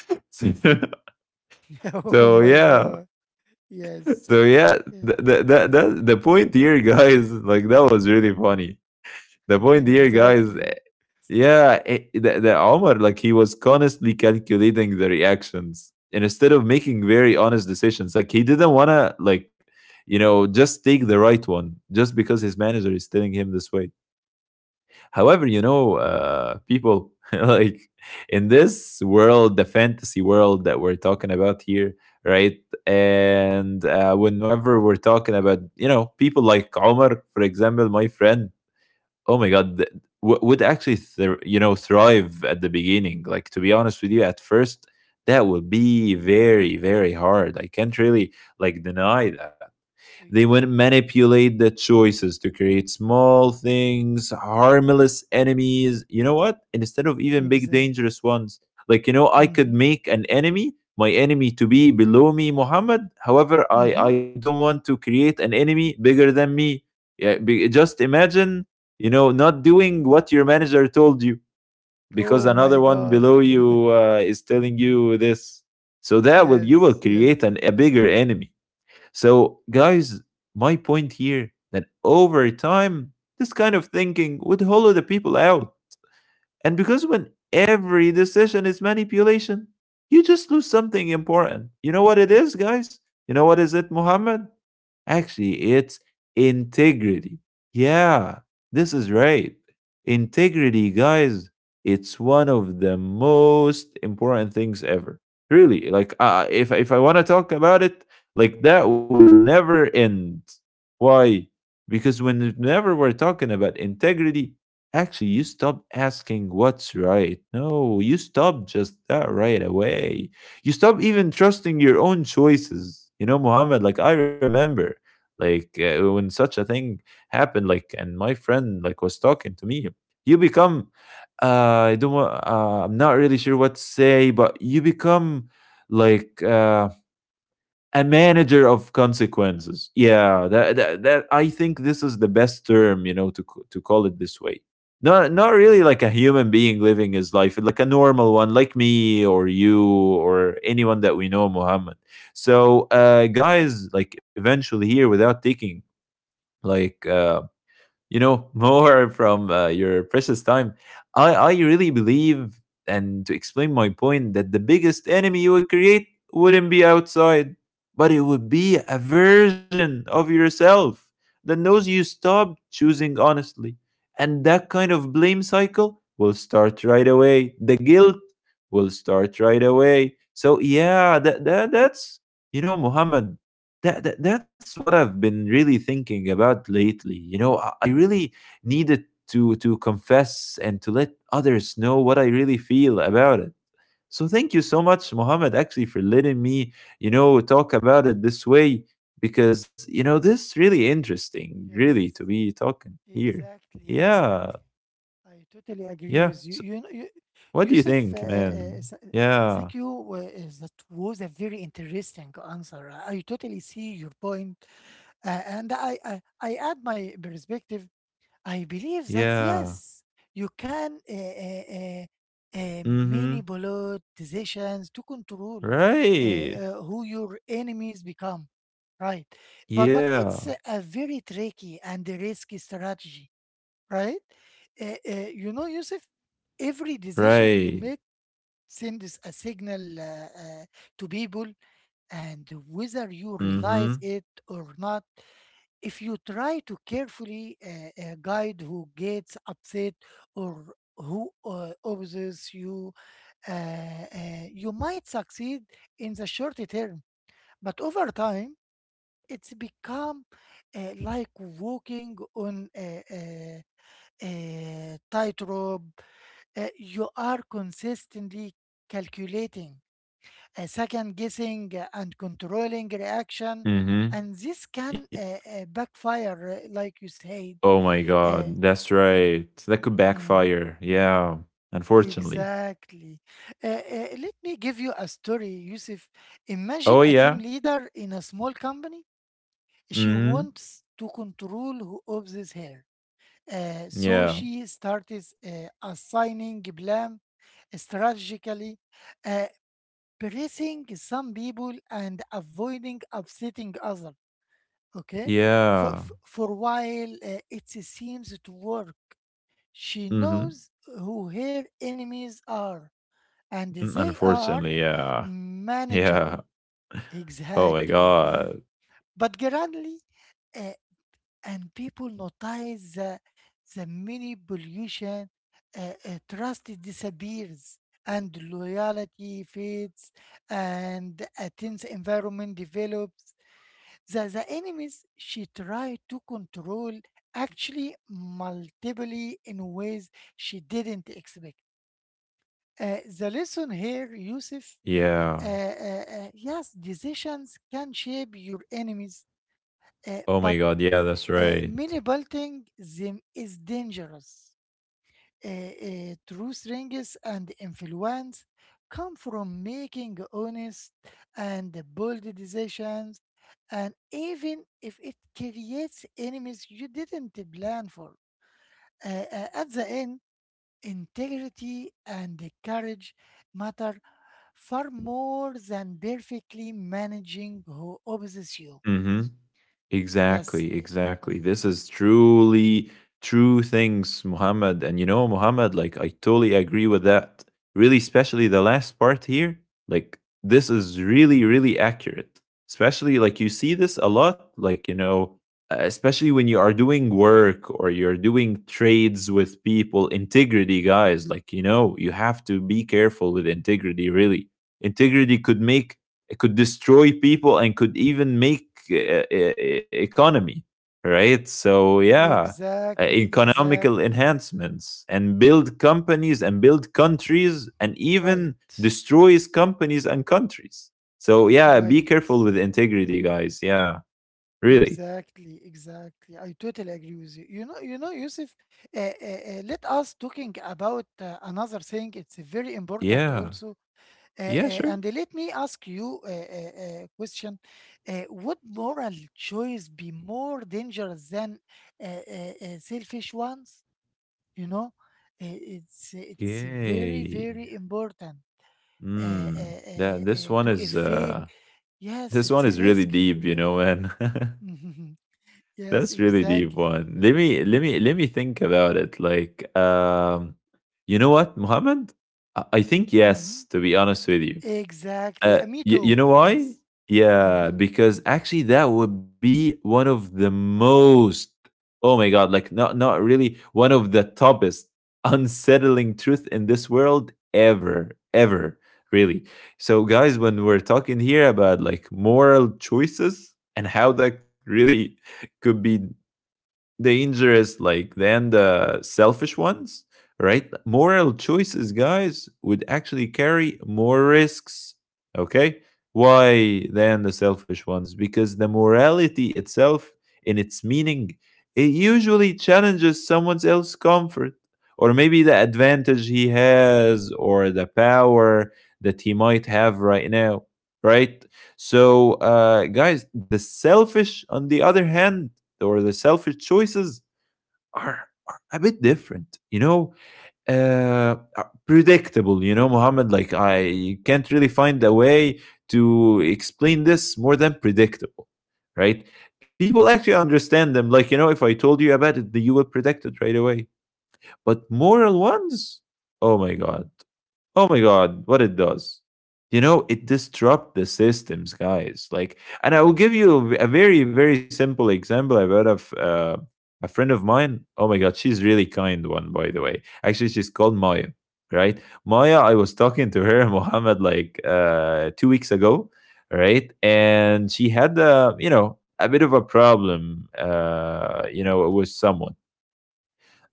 [SPEAKER 2] so
[SPEAKER 1] Oh my
[SPEAKER 2] yeah.
[SPEAKER 1] God, yes.
[SPEAKER 2] So yeah,
[SPEAKER 1] Yeah.
[SPEAKER 2] the, the, the, the, the point here, guys, like, that was really funny. The point here, guys,
[SPEAKER 1] Exactly,
[SPEAKER 2] the Omar, like he was constantly calculating the reactions and instead of making very honest decisions. Like he didn't want to, like, you know, just take the right one just because his manager is telling him this way. However, you know, people like in this world, the fantasy world that we're talking about here, right? And whenever we're talking about, you know, people like Omar, for example, my friend, oh my God, would actually, thr you know, thrive at the beginning. Like, to be honest with you, at first, that would be very, very hard. I can't really like deny that. They would
[SPEAKER 1] exactly,
[SPEAKER 2] manipulate the choices to create small things, harmless enemies. You know what? Instead of even big,
[SPEAKER 1] exactly.
[SPEAKER 2] dangerous ones. Like, you know, I could
[SPEAKER 1] Mhm.
[SPEAKER 2] make an enemy, my enemy to be below me, Muhammad. However, I
[SPEAKER 1] Mhm.
[SPEAKER 2] don't want to create an enemy bigger than me. Yeah, be, just imagine, you know, not doing what your manager told you because
[SPEAKER 1] Oh
[SPEAKER 2] another
[SPEAKER 1] my
[SPEAKER 2] one
[SPEAKER 1] God.
[SPEAKER 2] below you is telling you this. So that will you will
[SPEAKER 1] Yes, yes,
[SPEAKER 2] create a bigger enemy. So, guys, my point here that over time, this kind of thinking would hollow the people out. And because when every decision is manipulation, you just lose something important. You know what it is, guys? You know what is it, Muhammad? Actually, it's integrity. Yeah, this is right. Integrity, guys, it's one of the most important things ever. Really, like if I want to talk about it, like that will never end. Why? Because whenever we're talking about integrity, actually you stop asking what's right. No, you stop just that right away. You stop even trusting your own choices. You know, Muhammad, like I remember like when such a thing happened, like and my friend like was talking to me, you become I don't wa- I'm not really sure what to say, but you become like a manager of consequences. Yeah, that I think this is the best term, you know, to to call it this way. Not really like a human being living his life, like a normal one, like me or you or anyone that we know, Muhammad. So, guys, like eventually here, without taking like you know more from your precious time, I really believe and to explain my point that the biggest enemy you would create wouldn't be outside, but it would be a version of yourself that knows you stopped choosing honestly, and that kind of blame cycle will start right away, the guilt will start right away. So yeah, that's you know, Muhammad, that's what I've been really thinking about lately. You know, I really needed to confess and to let others know what I really feel about it. So thank you so much, Mohammed, actually, for letting me, you know, talk about it this way, because you know this is really interesting, really, to
[SPEAKER 1] yes.
[SPEAKER 2] be talking here.
[SPEAKER 1] Exactly,
[SPEAKER 2] Yeah,
[SPEAKER 1] exactly. I totally agree
[SPEAKER 2] yeah.
[SPEAKER 1] with you.
[SPEAKER 2] So what do you
[SPEAKER 1] Yusuf,
[SPEAKER 2] think, man?
[SPEAKER 1] s- uh,
[SPEAKER 2] Yeah,
[SPEAKER 1] thank you. That was a very interesting answer. I totally see your point, and I add my perspective. I believe that
[SPEAKER 2] yeah.
[SPEAKER 1] yes, you can
[SPEAKER 2] Mm-hmm.
[SPEAKER 1] manipulate decisions to control
[SPEAKER 2] Right.
[SPEAKER 1] who your enemies become, right? But
[SPEAKER 2] Yeah.
[SPEAKER 1] it's a very tricky and a risky strategy, right? You know, Yusuf, every decision you
[SPEAKER 2] Right.
[SPEAKER 1] make sends a signal to people, and whether you realize
[SPEAKER 2] Mm-hmm.
[SPEAKER 1] it or not, if you try to carefully guide who gets upset or who opposes you, uh, you might succeed in the short term. But over time, it's become like walking on a tightrope. You are consistently calculating, second guessing, and controlling reaction,
[SPEAKER 2] Mhm.
[SPEAKER 1] and this can
[SPEAKER 2] Y
[SPEAKER 1] backfire, like you said.
[SPEAKER 2] oh my god,
[SPEAKER 1] uh,
[SPEAKER 2] that's right. That could
[SPEAKER 1] mhm.
[SPEAKER 2] backfire. Yeah, unfortunately.
[SPEAKER 1] Exactly. Let me give you a story, Yusuf. Imagine
[SPEAKER 2] Oh
[SPEAKER 1] a team
[SPEAKER 2] yeah.
[SPEAKER 1] leader in a small company. She
[SPEAKER 2] Mhm.
[SPEAKER 1] wants to control who observes her. So
[SPEAKER 2] Yeah.
[SPEAKER 1] she starts assigning blame strategically, uh, pressing some people and avoiding upsetting others. Okay,
[SPEAKER 2] Yeah.
[SPEAKER 1] for a while it seems to work. She
[SPEAKER 2] Mhm.
[SPEAKER 1] knows who her enemies are and
[SPEAKER 2] Mm,
[SPEAKER 1] they are
[SPEAKER 2] unfortunately, yeah.
[SPEAKER 1] manageable.
[SPEAKER 2] Yeah. Oh my
[SPEAKER 1] Exactly.
[SPEAKER 2] god.
[SPEAKER 1] But gradually, uh, and people notice the mini pollution, uh, trust disappears, and loyalty fades, and a tense environment develops. The enemies she tried to control actually multiply in ways she didn't expect. The lesson here, Yusuf,
[SPEAKER 2] Yeah.
[SPEAKER 1] yes, decisions can shape your enemies,
[SPEAKER 2] Oh my
[SPEAKER 1] but
[SPEAKER 2] god, yeah, that's right.
[SPEAKER 1] manipulating them is dangerous. True strengths and influence come from making honest and bold decisions, and even if it creates enemies you didn't plan for. At the end, integrity and courage matter far more than perfectly managing who opposes you.
[SPEAKER 2] Mhm.
[SPEAKER 1] Yes,
[SPEAKER 2] Exactly, exactly. This is truly true things, Muhammad. And you know, Muhammad, like I totally agree with that. Really, especially the last part here. Like this is really, really accurate. Especially like you see this a lot, like you know, especially when you are doing work or you're doing trades with people, integrity, guys. Like you know, you have to be careful with integrity. Really, integrity could make, it could destroy people and could even make economy, right? So yeah,
[SPEAKER 1] exactly,
[SPEAKER 2] economical
[SPEAKER 1] exactly.
[SPEAKER 2] enhancements and build companies and build countries and even
[SPEAKER 1] Right,
[SPEAKER 2] destroys companies and countries. So yeah, be
[SPEAKER 1] right.
[SPEAKER 2] careful with integrity, guys. Yeah, really.
[SPEAKER 1] Exactly, exactly. I totally agree with you. Yusuf. Let us talking about another thing. It's very important
[SPEAKER 2] Yeah.
[SPEAKER 1] also.
[SPEAKER 2] Yeah. Sure.
[SPEAKER 1] And let me ask you a question. Would moral choice be more dangerous than selfish ones? You know, it's very
[SPEAKER 2] Yay.
[SPEAKER 1] very important
[SPEAKER 2] Hmm. That
[SPEAKER 1] to effect. Yes,
[SPEAKER 2] this
[SPEAKER 1] it's
[SPEAKER 2] one is really
[SPEAKER 1] risky.
[SPEAKER 2] deep, you know, man.
[SPEAKER 1] Yes,
[SPEAKER 2] That's really deep
[SPEAKER 1] exactly.
[SPEAKER 2] one. Let me think about it. Like, you know what, Muhammad? I think yes.
[SPEAKER 1] Mhm.
[SPEAKER 2] To be honest with you,
[SPEAKER 1] Exactly. Me
[SPEAKER 2] you
[SPEAKER 1] too.
[SPEAKER 2] know why?
[SPEAKER 1] Yes.
[SPEAKER 2] Yeah,
[SPEAKER 1] Hmm.
[SPEAKER 2] because actually that would be one of the most. Oh my God! Like not really one of the toughest, unsettling truth in this world ever ever really. So guys, when we're talking here about like moral choices and how that really could be dangerous like than the selfish ones, right? Moral choices, guys, would actually carry more risks. Okay, why than the selfish ones? Because the morality itself in its meaning, it usually challenges someone else's comfort, or maybe the advantage he has or the power that he might have right now, right? So guys, the selfish on the other hand, or the selfish choices, are a bit different, you know, uh uh, predictable. You know, Muhammad, like I can't really find a way to explain this more than predictable, right? People actually understand them, like you know, if I told you about it you would predict it right away. But moral ones, oh my god. Oh my god, what it does. You know, it disrupt the systems, guys. Like, and I will give you a very, very simple example. I've heard of a friend of mine. Oh my god, she's really kind one, by the way. Actually, she's called Maya, right? Maya, I was talking to her, Mohammed, like 2 weeks ago, right? And she had, you know, a bit of a problem, you know, with someone.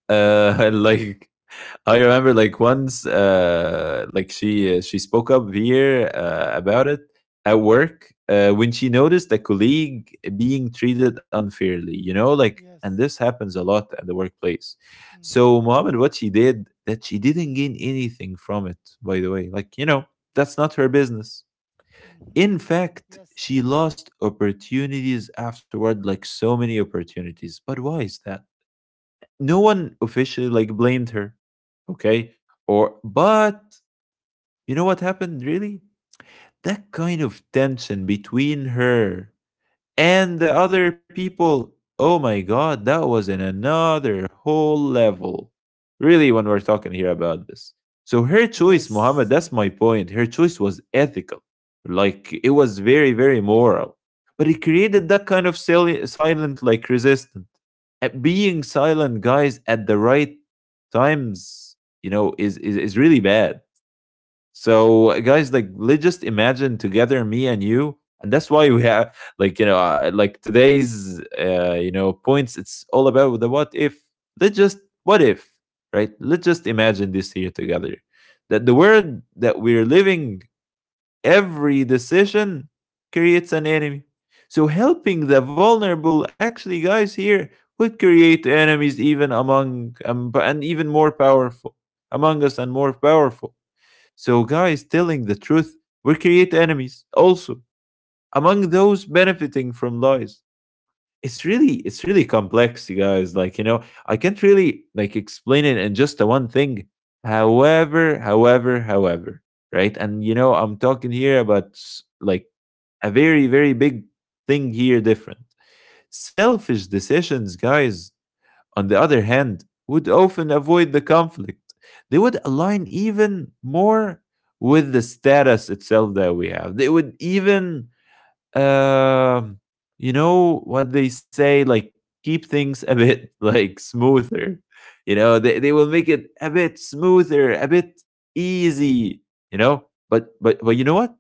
[SPEAKER 2] Like I remember like once like she spoke up here about it at work when she noticed a colleague being treated unfairly, you know, like and this
[SPEAKER 1] Yes.
[SPEAKER 2] happens a lot at the workplace. So
[SPEAKER 1] Hmm.
[SPEAKER 2] Mohammed, what she did, that she didn't gain anything from it, by the way, like you know that's not her business.
[SPEAKER 1] Hmm.
[SPEAKER 2] In fact,
[SPEAKER 1] Yes.
[SPEAKER 2] she lost opportunities afterward, like so many opportunities. But why is that? No one officially like blamed her. Okay, or but you know what happened really, that kind of tension between her and the other people, oh my God, that was in another whole level. Really, when we're talking
[SPEAKER 1] Mm.
[SPEAKER 2] here about this. So her choice, Muhammad,
[SPEAKER 1] Yes.
[SPEAKER 2] that's my point. Her choice was ethical. Like it was very, very moral. But it created that kind of silent, like resistance. At being silent, guys, at the right times, you know, is really bad. So, guys, like, let's just imagine together, me and you, and that's why we have, like, you know, like today's, you know, points. It's all about the what if. Let's just what if, right? Let's just imagine this here together, that the world that we're living, every decision creates an enemy. So, helping the vulnerable, actually, guys, here would create enemies even among and even more powerful among us and more powerful. So, guys, telling the truth will create enemies also among those benefiting from lies. It's really complex, you guys. Like, you know, I can't really like explain it in just a one thing. However, right? And you know, I'm talking here about like a very, very big thing here different. Selfish decisions, guys, on the other hand, would often avoid the conflict. They would align even more with the status itself that we have. They would even um, you know what they say, like keep things a bit like smoother. You know, they will make it a bit smoother, a bit easy, you know? But you know what?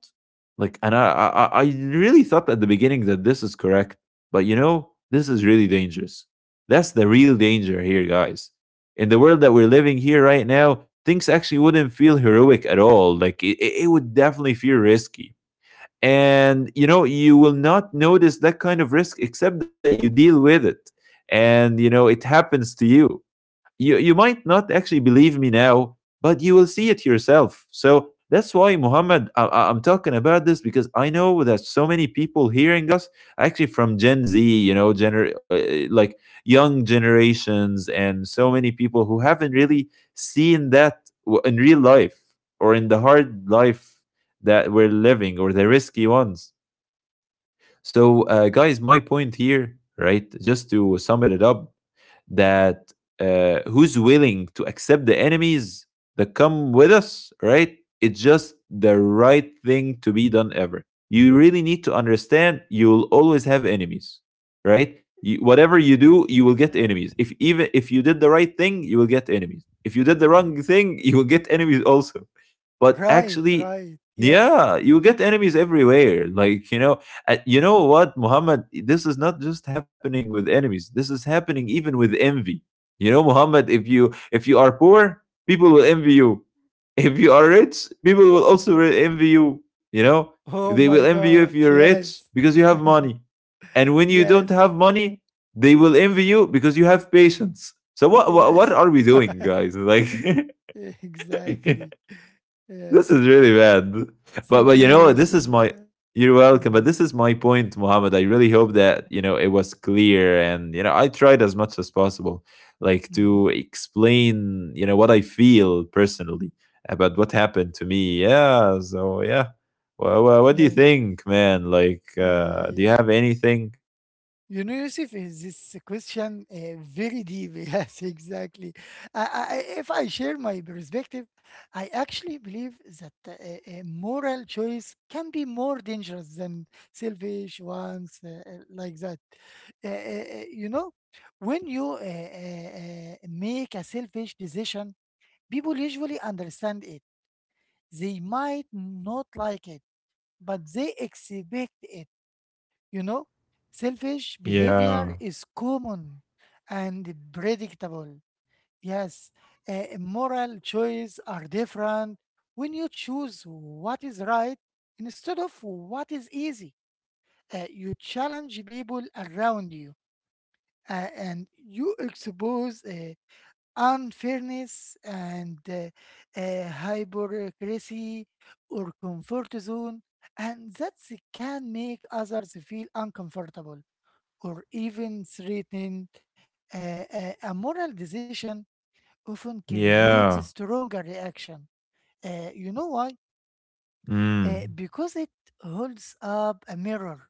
[SPEAKER 2] Like and I really thought at the beginning that this is correct, but you know, this is really dangerous. That's the real danger here, guys. In the world that we're living here right now, things actually wouldn't feel heroic at all. Like it would definitely feel risky, and you know you will not notice that kind of risk except that you deal with it, and you know it happens to you. You might not actually believe me now, but you will see it yourself. So that's why Muhammad, I'm talking about this because I know that so many people hearing us actually from Gen Z, you know, like young generations, and so many people who haven't really seen that in real life or in the hard life that we're living or the risky ones. So, guys, my point here, right, just to sum it up, that who's willing to accept the enemies that come with us, right? It's just the right thing to be done ever. You really need to understand you'll always have enemies, right? You, whatever you do, you will get enemies.
[SPEAKER 1] Exactly.
[SPEAKER 2] If even if you did the right thing, you will get enemies. If you did the
[SPEAKER 1] Hmm.
[SPEAKER 2] wrong thing, you will get enemies also. But
[SPEAKER 1] Right,
[SPEAKER 2] actually,
[SPEAKER 1] right. Yes.
[SPEAKER 2] yeah, you will get enemies everywhere. Like, you know what, Muhammad? This is not just happening with enemies. This is happening even with envy. You know, Muhammad, if you are poor, people will envy you. If you are rich, people will also envy you. You know,
[SPEAKER 1] Oh
[SPEAKER 2] they
[SPEAKER 1] my
[SPEAKER 2] will envy you
[SPEAKER 1] God.
[SPEAKER 2] if you're rich
[SPEAKER 1] Yes.
[SPEAKER 2] because you have money, and when you don't
[SPEAKER 1] Yes.
[SPEAKER 2] have money, they will envy you because you have patience. So what
[SPEAKER 1] Yes.
[SPEAKER 2] are we doing, guys? Like,
[SPEAKER 1] Exactly.
[SPEAKER 2] this
[SPEAKER 1] Yes.
[SPEAKER 2] is really bad. But
[SPEAKER 1] Thank you,
[SPEAKER 2] but you know, this
[SPEAKER 1] Yusuf.
[SPEAKER 2] is my you're welcome. But
[SPEAKER 1] Mhm,
[SPEAKER 2] this is my point, Mohammed. I really hope that, you know, it was clear, and you know, I tried as much as possible like
[SPEAKER 1] mhm.
[SPEAKER 2] to explain, you know, what I feel personally about what happened to me. Yeah, so yeah. Well, what do you
[SPEAKER 1] Yes.
[SPEAKER 2] think, man? Like do you
[SPEAKER 1] Uh,
[SPEAKER 2] have anything?
[SPEAKER 1] You know, Yusuf, is this question very deep? Yes, exactly. If I share my perspective, I actually believe that a moral choice can be more dangerous than selfish ones like that. You know, when you make a selfish decision, people usually understand it. They might not like it, but they expect it. You know, selfish
[SPEAKER 2] Yeah.
[SPEAKER 1] behavior is common and predictable. Yes, moral choices are different when you choose what is right instead of what is easy. You challenge people around you and you expose unfairness and hypocrisy or comfort zone, and that can make others feel uncomfortable or even threatened. A moral decision often creates a
[SPEAKER 2] Yeah.
[SPEAKER 1] stronger reaction. You know why?
[SPEAKER 2] Mm.
[SPEAKER 1] Because it holds up a mirror.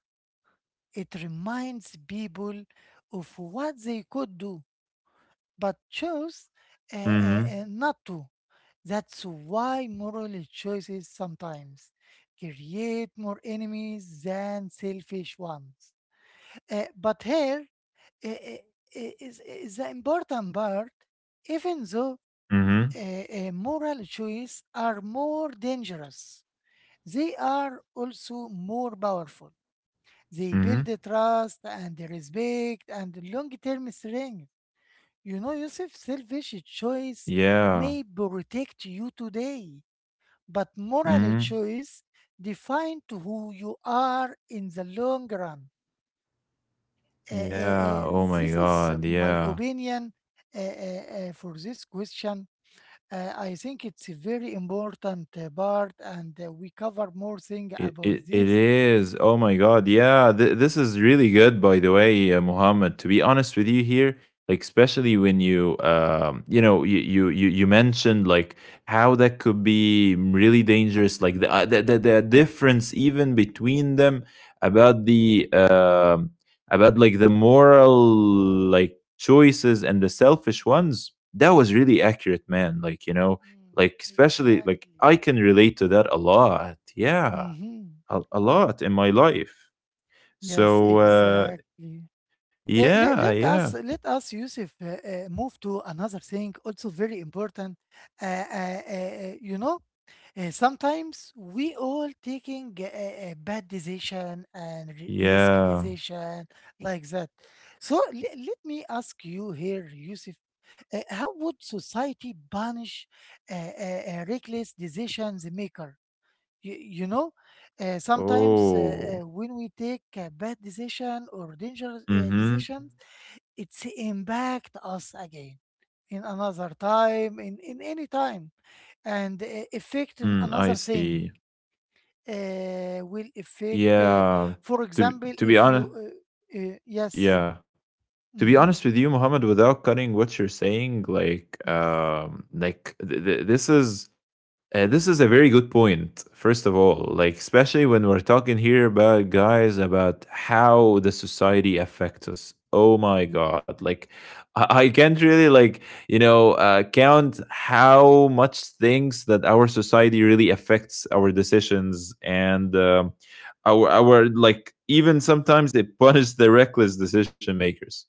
[SPEAKER 1] It reminds people of what they could do, but chose
[SPEAKER 2] Mhm.
[SPEAKER 1] not to. That's why moral choices sometimes create more enemies than selfish ones. But here is the important part, even though
[SPEAKER 2] Mhm.
[SPEAKER 1] moral choices are more dangerous, they are also more powerful. They build
[SPEAKER 2] Mhm.
[SPEAKER 1] the trust and the respect and long term strength. You know, Yusuf, selfish choice
[SPEAKER 2] Yeah.
[SPEAKER 1] may protect you today, but moral
[SPEAKER 2] Mhm.
[SPEAKER 1] choice define to who you are in the long run. Uh, uh,
[SPEAKER 2] Yeah.
[SPEAKER 1] uh,
[SPEAKER 2] Oh my
[SPEAKER 1] this
[SPEAKER 2] God.
[SPEAKER 1] is my
[SPEAKER 2] Yeah.
[SPEAKER 1] opinion for this question. I think it's a very important part, and we cover more thing about
[SPEAKER 2] It
[SPEAKER 1] this.
[SPEAKER 2] is. Oh my god. Yeah, this is really good, by the way, Muhammad. To be honest with you here, like especially when you you know you mentioned like how that could be really dangerous, like the difference even between them about the about like the moral like choices and the selfish ones. That was really accurate, man. Like, you know,
[SPEAKER 1] Mm,
[SPEAKER 2] like especially like I
[SPEAKER 1] exactly.
[SPEAKER 2] can relate to that a lot. Yeah,
[SPEAKER 1] Mm-hmm.
[SPEAKER 2] a lot in my life.
[SPEAKER 1] Yes,
[SPEAKER 2] So
[SPEAKER 1] exactly. Uh,
[SPEAKER 2] yeah,
[SPEAKER 1] let, let us let us Yusuf move to another thing also very important. Uh, you know, sometimes we all taking a, bad decision and risky
[SPEAKER 2] yeah.
[SPEAKER 1] decision like that. So let me ask you here, Yusuf, how would society punish a reckless decisions maker? You know, sometimes
[SPEAKER 2] Oh,
[SPEAKER 1] when we take a bad decision or dangerous
[SPEAKER 2] mm-hmm.
[SPEAKER 1] decisions, it's impact us again in another time, in any time, and affect in
[SPEAKER 2] Mm, I
[SPEAKER 1] another thing
[SPEAKER 2] see.
[SPEAKER 1] will affect,
[SPEAKER 2] Yeah.
[SPEAKER 1] for example,
[SPEAKER 2] To be
[SPEAKER 1] if you,
[SPEAKER 2] honest,
[SPEAKER 1] yes,
[SPEAKER 2] yeah. To be
[SPEAKER 1] hmm,
[SPEAKER 2] honest with you, Muhammad, without cutting what you're saying,
[SPEAKER 1] yes,
[SPEAKER 2] like this is a very good point, first of all, like, especially when we're talking here about guys, about how the society affects us. Oh my God. Like, I can't really, like, you know, count how much things that our society really affects our decisions and our, like, even sometimes they punish the reckless decision makers.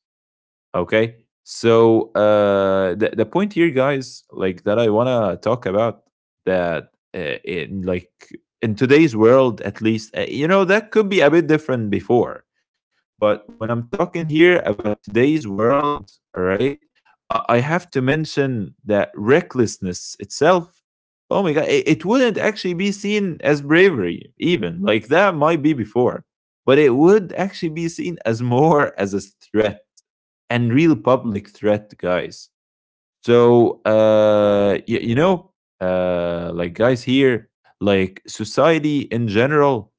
[SPEAKER 2] Okay. So the point here, guys, like that, I wanna talk about that in like in today's world, at least, you know, that could be a bit different before. But when I'm talking here about today's world, all right, I have to mention that recklessness itself. Oh my god, it wouldn't actually be seen as bravery, even like that might be before, but it would actually be seen as more as a threat and real public threat, guys. So, you know, like guys here, like society in general.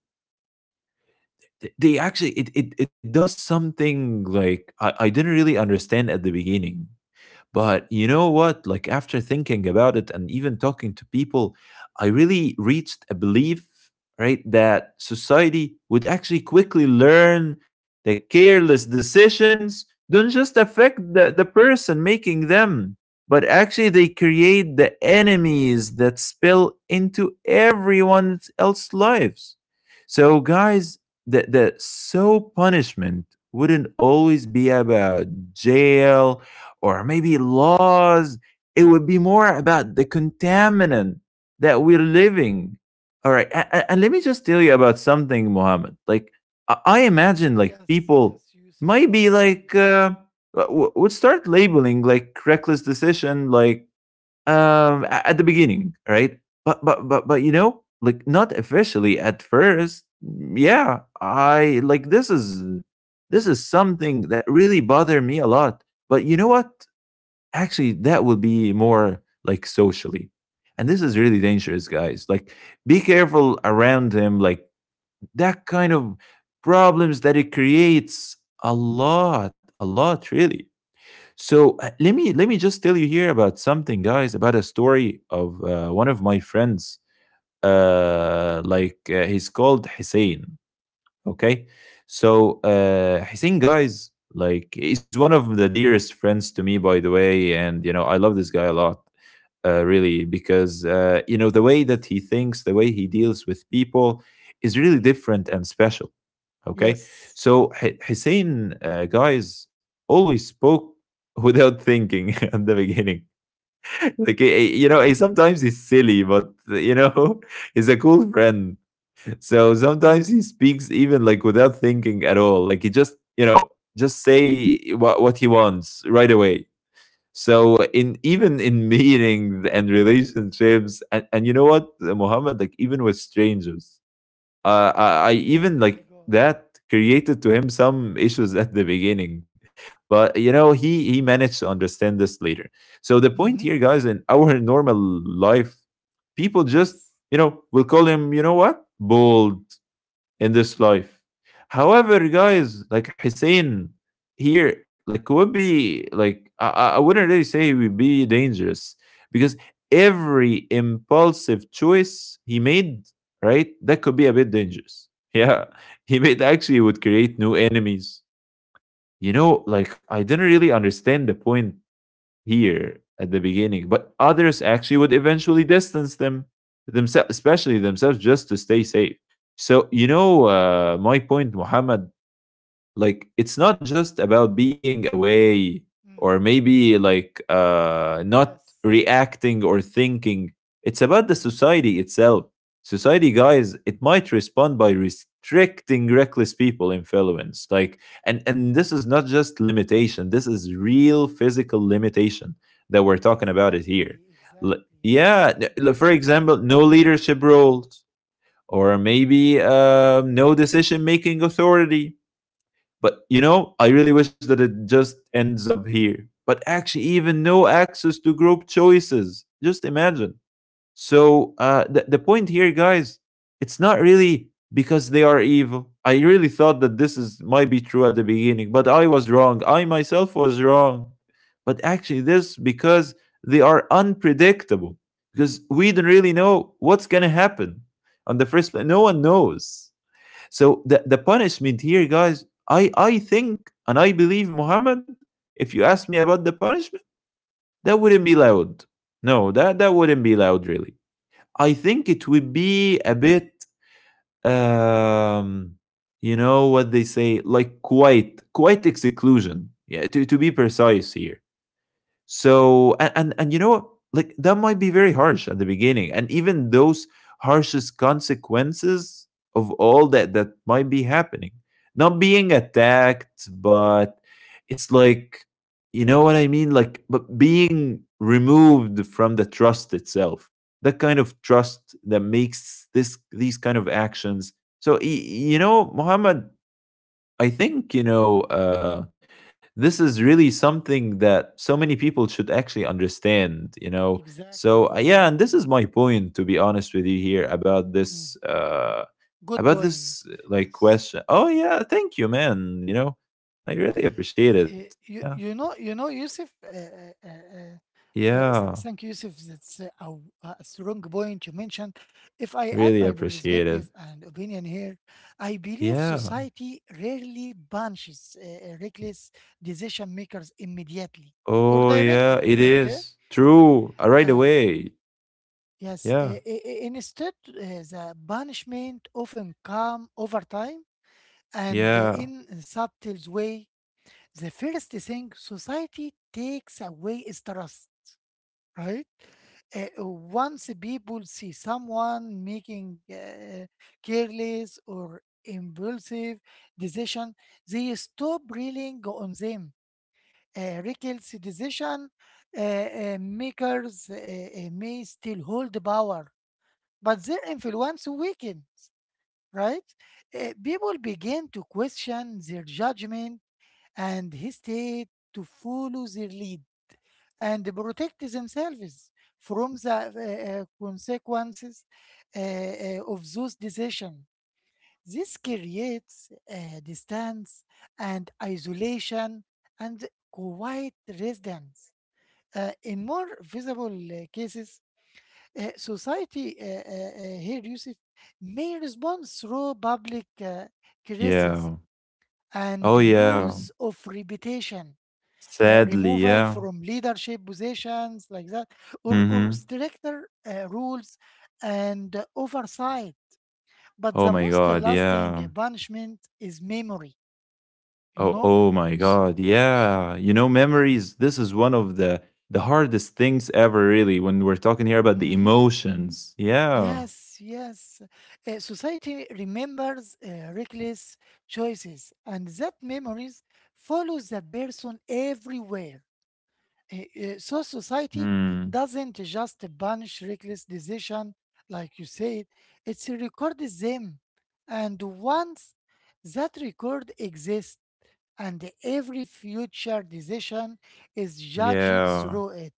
[SPEAKER 2] Th they actually it it it does something like I didn't really understand at the beginning. But you know what? Like, after thinking about it and even talking to people, I really reached a belief, right, that society would actually quickly learn that careless decisions don't just affect the person making them, but actually they create the enemies that spill into everyone else's lives. So, guys, the punishment wouldn't always be about jail or maybe laws. It would be more about the contaminant that we're living. All right. And let me just tell you about something, Mohammed. Like, I imagine like
[SPEAKER 1] yes,
[SPEAKER 2] people
[SPEAKER 1] yes, Yusuf,
[SPEAKER 2] might
[SPEAKER 1] go
[SPEAKER 2] be
[SPEAKER 1] ahead,
[SPEAKER 2] like,
[SPEAKER 1] Yusuf.
[SPEAKER 2] would start labeling like reckless decision, like, at the beginning, right? But, you know, like not officially at first. Yeah. I like this is something that really bothered me a lot. But you know what? Actually that would be more like socially, and this is really dangerous, guys. Like be careful around him, like that kind of problems that it creates a lot, really. So let me just tell you here about something, guys, about a story of one of my friends, like he's called Hussein. Okay. So Hussein, guys, like, is one of the dearest friends to me, by the way, and you know I love this guy a lot, really, because you know the way that
[SPEAKER 1] Yes,
[SPEAKER 2] he thinks, the way he deals with people is really
[SPEAKER 1] hmm,
[SPEAKER 2] different and special. Okay.
[SPEAKER 1] yes.
[SPEAKER 2] So Hussein, guys, always spoke without thinking at the beginning, like you know,
[SPEAKER 1] Oh,
[SPEAKER 2] sometimes he's silly, but you know he's a cool friend. So sometimes
[SPEAKER 1] oh,
[SPEAKER 2] he speaks even like without thinking at all. Like he just, you know, just say what he wants right away. So in even in meetings and relationships, and you know what, Muhammad, like even with strangers, I
[SPEAKER 1] oh
[SPEAKER 2] even
[SPEAKER 1] my
[SPEAKER 2] like
[SPEAKER 1] God.
[SPEAKER 2] that created to him some issues at the beginning, but you know
[SPEAKER 1] Eh,
[SPEAKER 2] he managed to understand this later. So the point here,
[SPEAKER 1] mm-hmm.
[SPEAKER 2] guys, in our normal life, people just,
[SPEAKER 1] Yes.
[SPEAKER 2] you know, will call him, you know what, bold in this life. However, guys, like Hussein here, like would be like I wouldn't really say he would be dangerous because every impulsive choice he made, right, that could be a bit dangerous. Yeah, he made actually would create new enemies. You know, like I didn't really understand the point here at the beginning, but others actually would eventually distance themselves, especially themselves, just to stay safe. So you know, my point, Muhammad, like it's not just about being away or
[SPEAKER 1] Mm-hmm.
[SPEAKER 2] maybe like not
[SPEAKER 1] Yes.
[SPEAKER 2] reacting or thinking, it's about the
[SPEAKER 1] Mm-hmm.
[SPEAKER 2] society itself. Society, guys, it might respond by restricting reckless people influence, like, and this is not just limitation, this is real physical limitation that we're talking about it here.
[SPEAKER 1] Exactly,
[SPEAKER 2] L-
[SPEAKER 1] exactly.
[SPEAKER 2] yeah, for example, no leadership roles or maybe no decision making authority. But you know, I really wish that it just ends up here. But actually, even no access to group choices. Just imagine. So the point here, guys, it's not really because they are evil. I really thought that this is might be true at the beginning, but I was wrong. I myself was wrong. But actually, this because they are unpredictable, because we don't really know what's gonna happen on the first place. No one knows. So the punishment here, guys, I think and I believe, Muhammad, if you ask me about the punishment, that wouldn't be loud. No, that wouldn't be loud, really. I think it would be a bit, um, you know what they say, like quite exclusion. Yeah, to be precise here. So and you know what? Like that might be very harsh at the beginning, and even those harshest consequences of all that that might be happening, not being attacked, but it's like you know what I mean, like but being removed from the trust itself, that kind of trust that makes this these kind of actions. So you know, Muhammad, I think, you know, this is really
[SPEAKER 1] Mm-hmm.
[SPEAKER 2] something that so many people should actually understand, you know.
[SPEAKER 1] Exactly,
[SPEAKER 2] So, yeah, and this
[SPEAKER 1] exactly.
[SPEAKER 2] is my point, to be honest with you, here
[SPEAKER 1] Mm. Good
[SPEAKER 2] about
[SPEAKER 1] point.
[SPEAKER 2] this, like,
[SPEAKER 1] Yes.
[SPEAKER 2] question. Oh, yeah, thank you, man. You know, I really appreciate it.
[SPEAKER 1] Uh,
[SPEAKER 2] Yeah.
[SPEAKER 1] you know Yusuf,
[SPEAKER 2] Yeah.
[SPEAKER 1] thank you Yusuf, that's a strong point you mentioned. If I add
[SPEAKER 2] Really
[SPEAKER 1] my
[SPEAKER 2] appreciate it.
[SPEAKER 1] perspective and opinion here, I believe
[SPEAKER 2] Yeah.
[SPEAKER 1] society rarely punishes reckless decision makers immediately or
[SPEAKER 2] Oh, yeah,
[SPEAKER 1] directly.
[SPEAKER 2] it
[SPEAKER 1] Okay.
[SPEAKER 2] is true. Right
[SPEAKER 1] uh,
[SPEAKER 2] away.
[SPEAKER 1] yes,
[SPEAKER 2] Yeah.
[SPEAKER 1] instead the punishment often come over time and
[SPEAKER 2] Yeah.
[SPEAKER 1] in a subtle way. The first thing society takes away is trust, right? Uh, Once people see someone making careless or impulsive decision, they stop relying on them. Reckless decision makers may still hold power, but their influence weakens. Right? People begin to question their judgment and hesitate to follow their lead and protect themselves from the consequences of those decisions. This creates distance and isolation and quiet residence. In more visible cases, society here, Yusuf, may respond through public criticism
[SPEAKER 2] Yeah.
[SPEAKER 1] and
[SPEAKER 2] Oh, yeah.
[SPEAKER 1] loss of reputation,
[SPEAKER 2] Sadly,
[SPEAKER 1] removal
[SPEAKER 2] yeah.
[SPEAKER 1] from leadership positions like that, or
[SPEAKER 2] Mhm.
[SPEAKER 1] stricter rules and oversight. But
[SPEAKER 2] Oh
[SPEAKER 1] the
[SPEAKER 2] my
[SPEAKER 1] most
[SPEAKER 2] god,
[SPEAKER 1] lasting
[SPEAKER 2] yeah.
[SPEAKER 1] punishment is memory, you
[SPEAKER 2] Oh,
[SPEAKER 1] know.
[SPEAKER 2] oh my
[SPEAKER 1] So,
[SPEAKER 2] god, yeah. You know, memories, this is one of the hardest things ever, really, when we're talking here about the
[SPEAKER 1] mhm,
[SPEAKER 2] emotions. Yeah.
[SPEAKER 1] yes, yes. Society remembers reckless choices, and that memories follows the person everywhere. So society
[SPEAKER 2] Hmm.
[SPEAKER 1] doesn't just punish reckless decision, like you said, it records them. And once that record exists, and every future decision is judged
[SPEAKER 2] Yeah.
[SPEAKER 1] through it,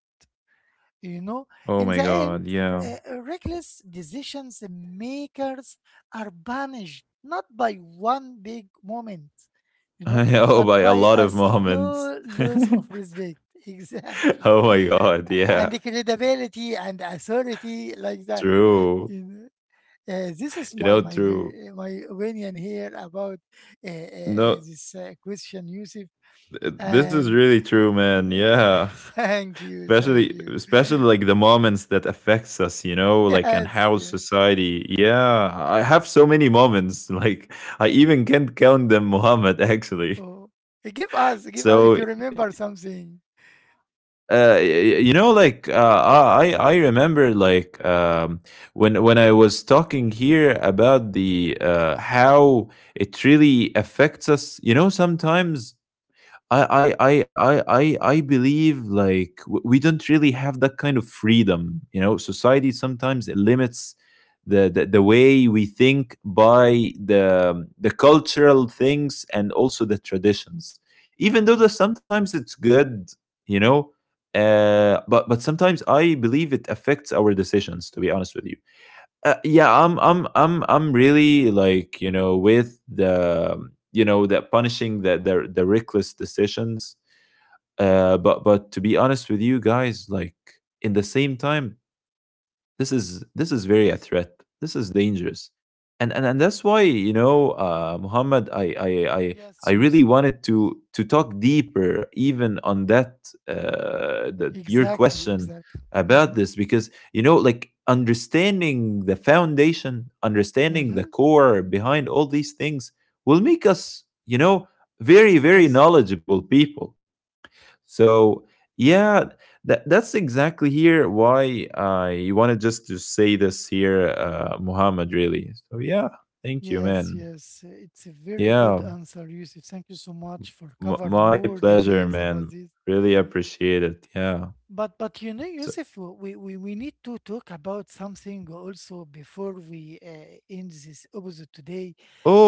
[SPEAKER 1] you know,
[SPEAKER 2] Oh my
[SPEAKER 1] in the
[SPEAKER 2] god,
[SPEAKER 1] end,
[SPEAKER 2] yeah.
[SPEAKER 1] reckless decisions makers are punished not by one big moment, you know,
[SPEAKER 2] Oh, by
[SPEAKER 1] but
[SPEAKER 2] a
[SPEAKER 1] by
[SPEAKER 2] lot
[SPEAKER 1] a
[SPEAKER 2] of moments.
[SPEAKER 1] slow loss of respect.
[SPEAKER 2] Oh
[SPEAKER 1] Exactly.
[SPEAKER 2] my god, yeah.
[SPEAKER 1] And the credibility and authority like that.
[SPEAKER 2] True.
[SPEAKER 1] You know? This is
[SPEAKER 2] You
[SPEAKER 1] my
[SPEAKER 2] know, true.
[SPEAKER 1] my opinion here about
[SPEAKER 2] No,
[SPEAKER 1] this question, Yusuf.
[SPEAKER 2] this is
[SPEAKER 1] And
[SPEAKER 2] really true, man.
[SPEAKER 1] uh,
[SPEAKER 2] Yeah.
[SPEAKER 1] thank you,
[SPEAKER 2] Especially,
[SPEAKER 1] thank you.
[SPEAKER 2] especially like the moments that affects us, you know, like, and
[SPEAKER 1] Yes,
[SPEAKER 2] how
[SPEAKER 1] yes.
[SPEAKER 2] society, yeah, I have so many moments like I even can't count them, Muhammad, actually.
[SPEAKER 1] Oh, eh, give us,
[SPEAKER 2] So
[SPEAKER 1] if you remember something.
[SPEAKER 2] you know, like, I remember like when I was talking here about the how it really affects us, you know, sometimes I believe like we don't really have that kind of freedom. You know, society sometimes limits the way we think by the cultural things and also the traditions. Even though that sometimes it's good, you know, but sometimes I believe it affects our decisions. To be honest with you, yeah, I'm really like, you know, with the you know, that punishing the reckless decisions. But to be honest with you, guys, like, in the same time, this is very a threat. This is dangerous, and that's why you know, Muhammad, I I
[SPEAKER 1] Yes,
[SPEAKER 2] really
[SPEAKER 1] Yusuf.
[SPEAKER 2] wanted to talk deeper even on that that your
[SPEAKER 1] Exactly,
[SPEAKER 2] question
[SPEAKER 1] exactly.
[SPEAKER 2] about
[SPEAKER 1] Mm-hmm.
[SPEAKER 2] this because you know, like understanding the foundation, understanding the
[SPEAKER 1] Mm-hmm.
[SPEAKER 2] core behind all these things will make us, you know, very very
[SPEAKER 1] Yes,
[SPEAKER 2] knowledgeable people so yeah, that's exactly here why I wanted just to say this here, Muhammad. Really. So yeah, thank you,
[SPEAKER 1] yes,
[SPEAKER 2] man.
[SPEAKER 1] yes. It's a very good
[SPEAKER 2] Yeah,
[SPEAKER 1] answer, Yusuf. Thank you so much for cover
[SPEAKER 2] my
[SPEAKER 1] more
[SPEAKER 2] pleasure,
[SPEAKER 1] details about
[SPEAKER 2] man.
[SPEAKER 1] this.
[SPEAKER 2] Really appreciate it. Yeah.
[SPEAKER 1] But you know,
[SPEAKER 2] So,
[SPEAKER 1] Yusuf, we need to talk about something also before we end this episode today.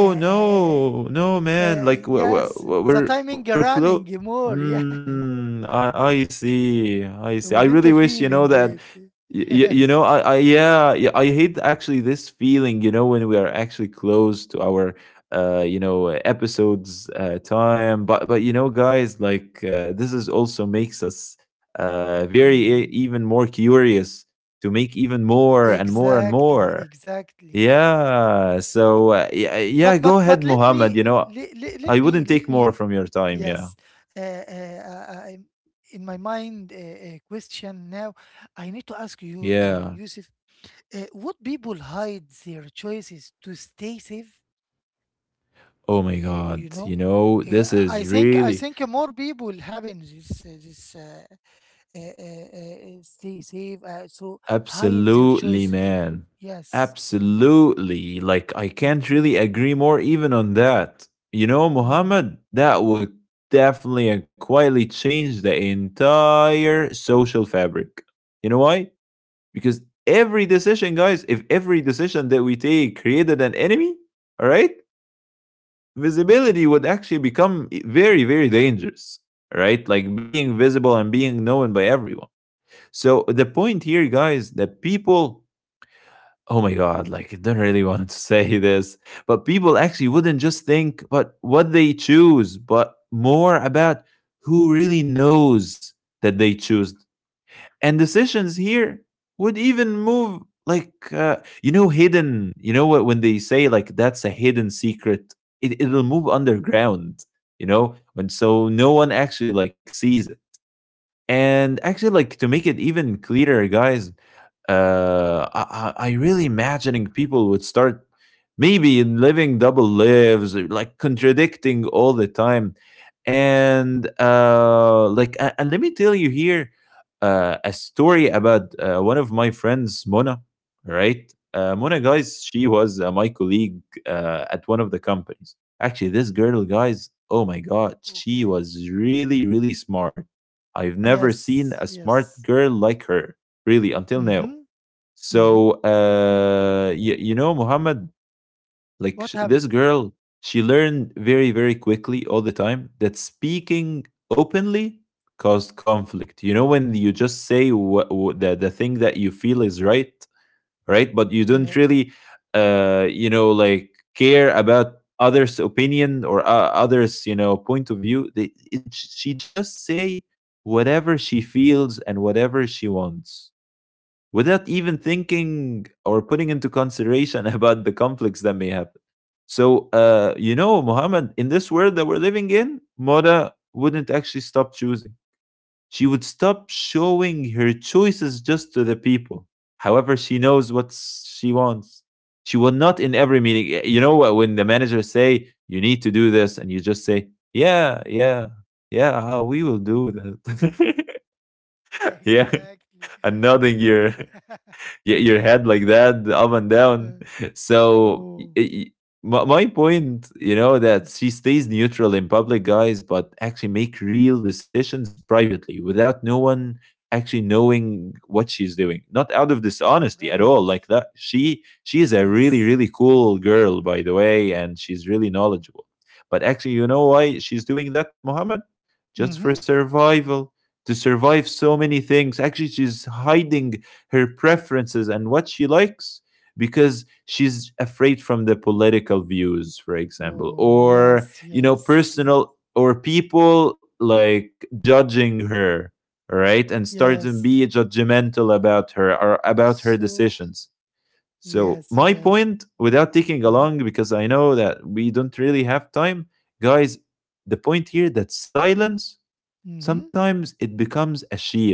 [SPEAKER 1] Uh, uh,
[SPEAKER 2] no. No, man. Like, we're
[SPEAKER 1] yes,
[SPEAKER 2] we're
[SPEAKER 1] the
[SPEAKER 2] we're
[SPEAKER 1] timing
[SPEAKER 2] we're close.
[SPEAKER 1] running more. Yeah.
[SPEAKER 2] Mm, I see, I see. I
[SPEAKER 1] Within
[SPEAKER 2] really
[SPEAKER 1] the
[SPEAKER 2] wish, you know,
[SPEAKER 1] feeling,
[SPEAKER 2] that
[SPEAKER 1] it.
[SPEAKER 2] You you know,
[SPEAKER 1] Yes.
[SPEAKER 2] I yeah, yeah, I hate actually this feeling, you know, when we are actually close to our, you know, episodes, time. But you know, guys, like, this is also makes us, very e
[SPEAKER 1] Mhm.
[SPEAKER 2] even more curious to make even more and more and
[SPEAKER 1] Exactly,
[SPEAKER 2] more.
[SPEAKER 1] exactly.
[SPEAKER 2] Yeah. So yeah, yeah, go ahead,
[SPEAKER 1] But
[SPEAKER 2] Mohammed. You know, I wouldn't
[SPEAKER 1] let
[SPEAKER 2] take
[SPEAKER 1] me
[SPEAKER 2] more from your time. Yeah.
[SPEAKER 1] yes. Uh, I'm- in my mind, question now. I need to ask you,
[SPEAKER 2] Yeah.
[SPEAKER 1] Yusuf. Would people hide their choices to stay safe?
[SPEAKER 2] Oh my God.
[SPEAKER 1] You
[SPEAKER 2] You
[SPEAKER 1] know,
[SPEAKER 2] know,
[SPEAKER 1] uh,
[SPEAKER 2] this is
[SPEAKER 1] I think I
[SPEAKER 2] really
[SPEAKER 1] think more people having this stay safe. So hide their
[SPEAKER 2] absolutely,
[SPEAKER 1] choice.
[SPEAKER 2] man.
[SPEAKER 1] Yes.
[SPEAKER 2] Absolutely. Like, I can't
[SPEAKER 1] Mhm.
[SPEAKER 2] really agree more even on that. You know,
[SPEAKER 1] Mhm.
[SPEAKER 2] Mohammed, that would definitely and quietly change the entire social fabric. You know why? Because every decision, guys, if every decision that we take created an enemy, all right, visibility would actually become very, very dangerous, right? Like being visible and being known by everyone. So the point here, guys, that people, oh my God, like I don't really want to say this, but people actually wouldn't just think but what they choose, but more about who really knows that they choose and decisions here would even move like you know hidden you know what when they say like that's a hidden secret it'll move underground you know and so no one actually like sees it and actually like to make it even clearer guys I really imagining people would start maybe living double lives, like contradicting all the time. And like, and let me tell you here a story about one of my friends, Mona. Right, Mona, guys, she was my colleague at one of the companies. Actually, this girl, guys, oh my god, she
[SPEAKER 1] Okay.
[SPEAKER 2] was really, really smart. I've never seen a
[SPEAKER 1] Yes.
[SPEAKER 2] smart
[SPEAKER 1] Yes.
[SPEAKER 2] girl like her, really, until now.
[SPEAKER 1] Mhm. Mhm.
[SPEAKER 2] So, you, you know, Muhammad, like
[SPEAKER 1] What
[SPEAKER 2] this
[SPEAKER 1] happened?
[SPEAKER 2] girl, she learned very, very quickly all the time that speaking openly caused conflict. You know, when you just say what, the thing that you feel is right, right? But you don't
[SPEAKER 1] Yeah.
[SPEAKER 2] really, you know, like care about others' opinion or others, you know, point of view. They, it, she just say whatever she feels and whatever she wants without even thinking or putting into consideration about the conflicts that may happen. So, you know, Muhammad, in this world that we're living in, Moda wouldn't actually stop choosing. She would stop showing her choices just to the people. However, she knows what she wants. She will not in every meeting. You know what? When the managers say you need to do this, and you just say, "Yeah, yeah, yeah, we will do that." Yeah,
[SPEAKER 1] Exactly.
[SPEAKER 2] and nodding your
[SPEAKER 1] Exactly.
[SPEAKER 2] your head like
[SPEAKER 1] Exactly.
[SPEAKER 2] that up and down
[SPEAKER 1] Uh,
[SPEAKER 2] so
[SPEAKER 1] oh.
[SPEAKER 2] my, my point you know
[SPEAKER 1] Mm.
[SPEAKER 2] that she stays neutral in public guys but actually make real decisions privately without no one actually knowing what she's doing not out of dishonesty at
[SPEAKER 1] Right.
[SPEAKER 2] all like that she is a really
[SPEAKER 1] Yes.
[SPEAKER 2] really cool girl by the way and she's really knowledgeable but actually you know why she's doing that, Mohammed? Just for
[SPEAKER 1] Mhm.
[SPEAKER 2] survival to survive so many things actually she's hiding her preferences and what she likes because she's afraid from the political views for example
[SPEAKER 1] Oh,
[SPEAKER 2] or
[SPEAKER 1] yes.
[SPEAKER 2] you know
[SPEAKER 1] Yes.
[SPEAKER 2] personal or people like judging her right and start to be
[SPEAKER 1] Yes.
[SPEAKER 2] judgmental about her or about her
[SPEAKER 1] So,
[SPEAKER 2] decisions so
[SPEAKER 1] yes.
[SPEAKER 2] my
[SPEAKER 1] Yes.
[SPEAKER 2] point without taking
[SPEAKER 1] Mhm.
[SPEAKER 2] along because I know that we don't really have time guys the point here that silence
[SPEAKER 1] Mhm.
[SPEAKER 2] sometimes it becomes a shield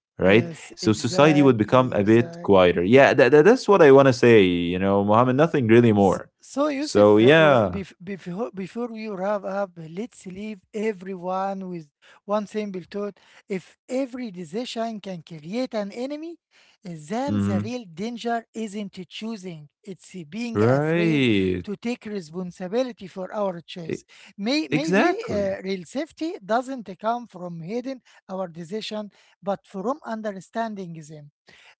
[SPEAKER 2] right?
[SPEAKER 1] Yes,
[SPEAKER 2] So society would become
[SPEAKER 1] exactly.
[SPEAKER 2] a bit
[SPEAKER 1] Exactly.
[SPEAKER 2] quieter. Yeah, that's what I want to say, you know, Mohammed, nothing really more.
[SPEAKER 1] So, Yusuf,
[SPEAKER 2] So, yeah.
[SPEAKER 1] before before we wrap up, let's leave everyone with one simple thought. If every decision can create an enemy, then the
[SPEAKER 2] Mhm.
[SPEAKER 1] real danger isn't choosing, it's being afraid
[SPEAKER 2] Right.
[SPEAKER 1] to take responsibility for our choice.
[SPEAKER 2] E-
[SPEAKER 1] Maybe
[SPEAKER 2] exactly.
[SPEAKER 1] real safety doesn't come from hiding our decision, but from understanding them,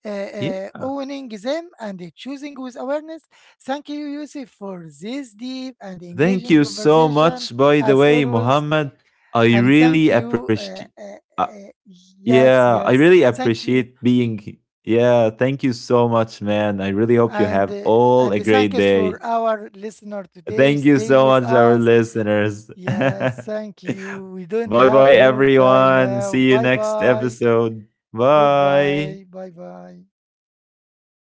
[SPEAKER 2] Yeah.
[SPEAKER 1] owning them and choosing with awareness. Thank you, Yusuf, for this deep and
[SPEAKER 2] Thank
[SPEAKER 1] engaging
[SPEAKER 2] you so
[SPEAKER 1] conversation
[SPEAKER 2] much, by the
[SPEAKER 1] as
[SPEAKER 2] way,
[SPEAKER 1] always.
[SPEAKER 2] Muhammad, I
[SPEAKER 1] And thank
[SPEAKER 2] really
[SPEAKER 1] you.
[SPEAKER 2] appreciate. Uh,
[SPEAKER 1] Uh,
[SPEAKER 2] yeah,
[SPEAKER 1] yes,
[SPEAKER 2] I really
[SPEAKER 1] yes. Thank
[SPEAKER 2] appreciate
[SPEAKER 1] you.
[SPEAKER 2] being. Yeah, thank you so much, man. I really hope you
[SPEAKER 1] And
[SPEAKER 2] have
[SPEAKER 1] uh,
[SPEAKER 2] all a
[SPEAKER 1] and thank
[SPEAKER 2] great
[SPEAKER 1] us
[SPEAKER 2] day.
[SPEAKER 1] for our listener today.
[SPEAKER 2] Thank you
[SPEAKER 1] Stay
[SPEAKER 2] so
[SPEAKER 1] with
[SPEAKER 2] much, our
[SPEAKER 1] us.
[SPEAKER 2] listeners.
[SPEAKER 1] Yes,
[SPEAKER 2] bye
[SPEAKER 1] thank you. We don't
[SPEAKER 2] bye,
[SPEAKER 1] have more time
[SPEAKER 2] everyone. See you
[SPEAKER 1] now. Bye
[SPEAKER 2] next
[SPEAKER 1] bye.
[SPEAKER 2] episode. Bye.
[SPEAKER 1] Goodbye. Bye bye.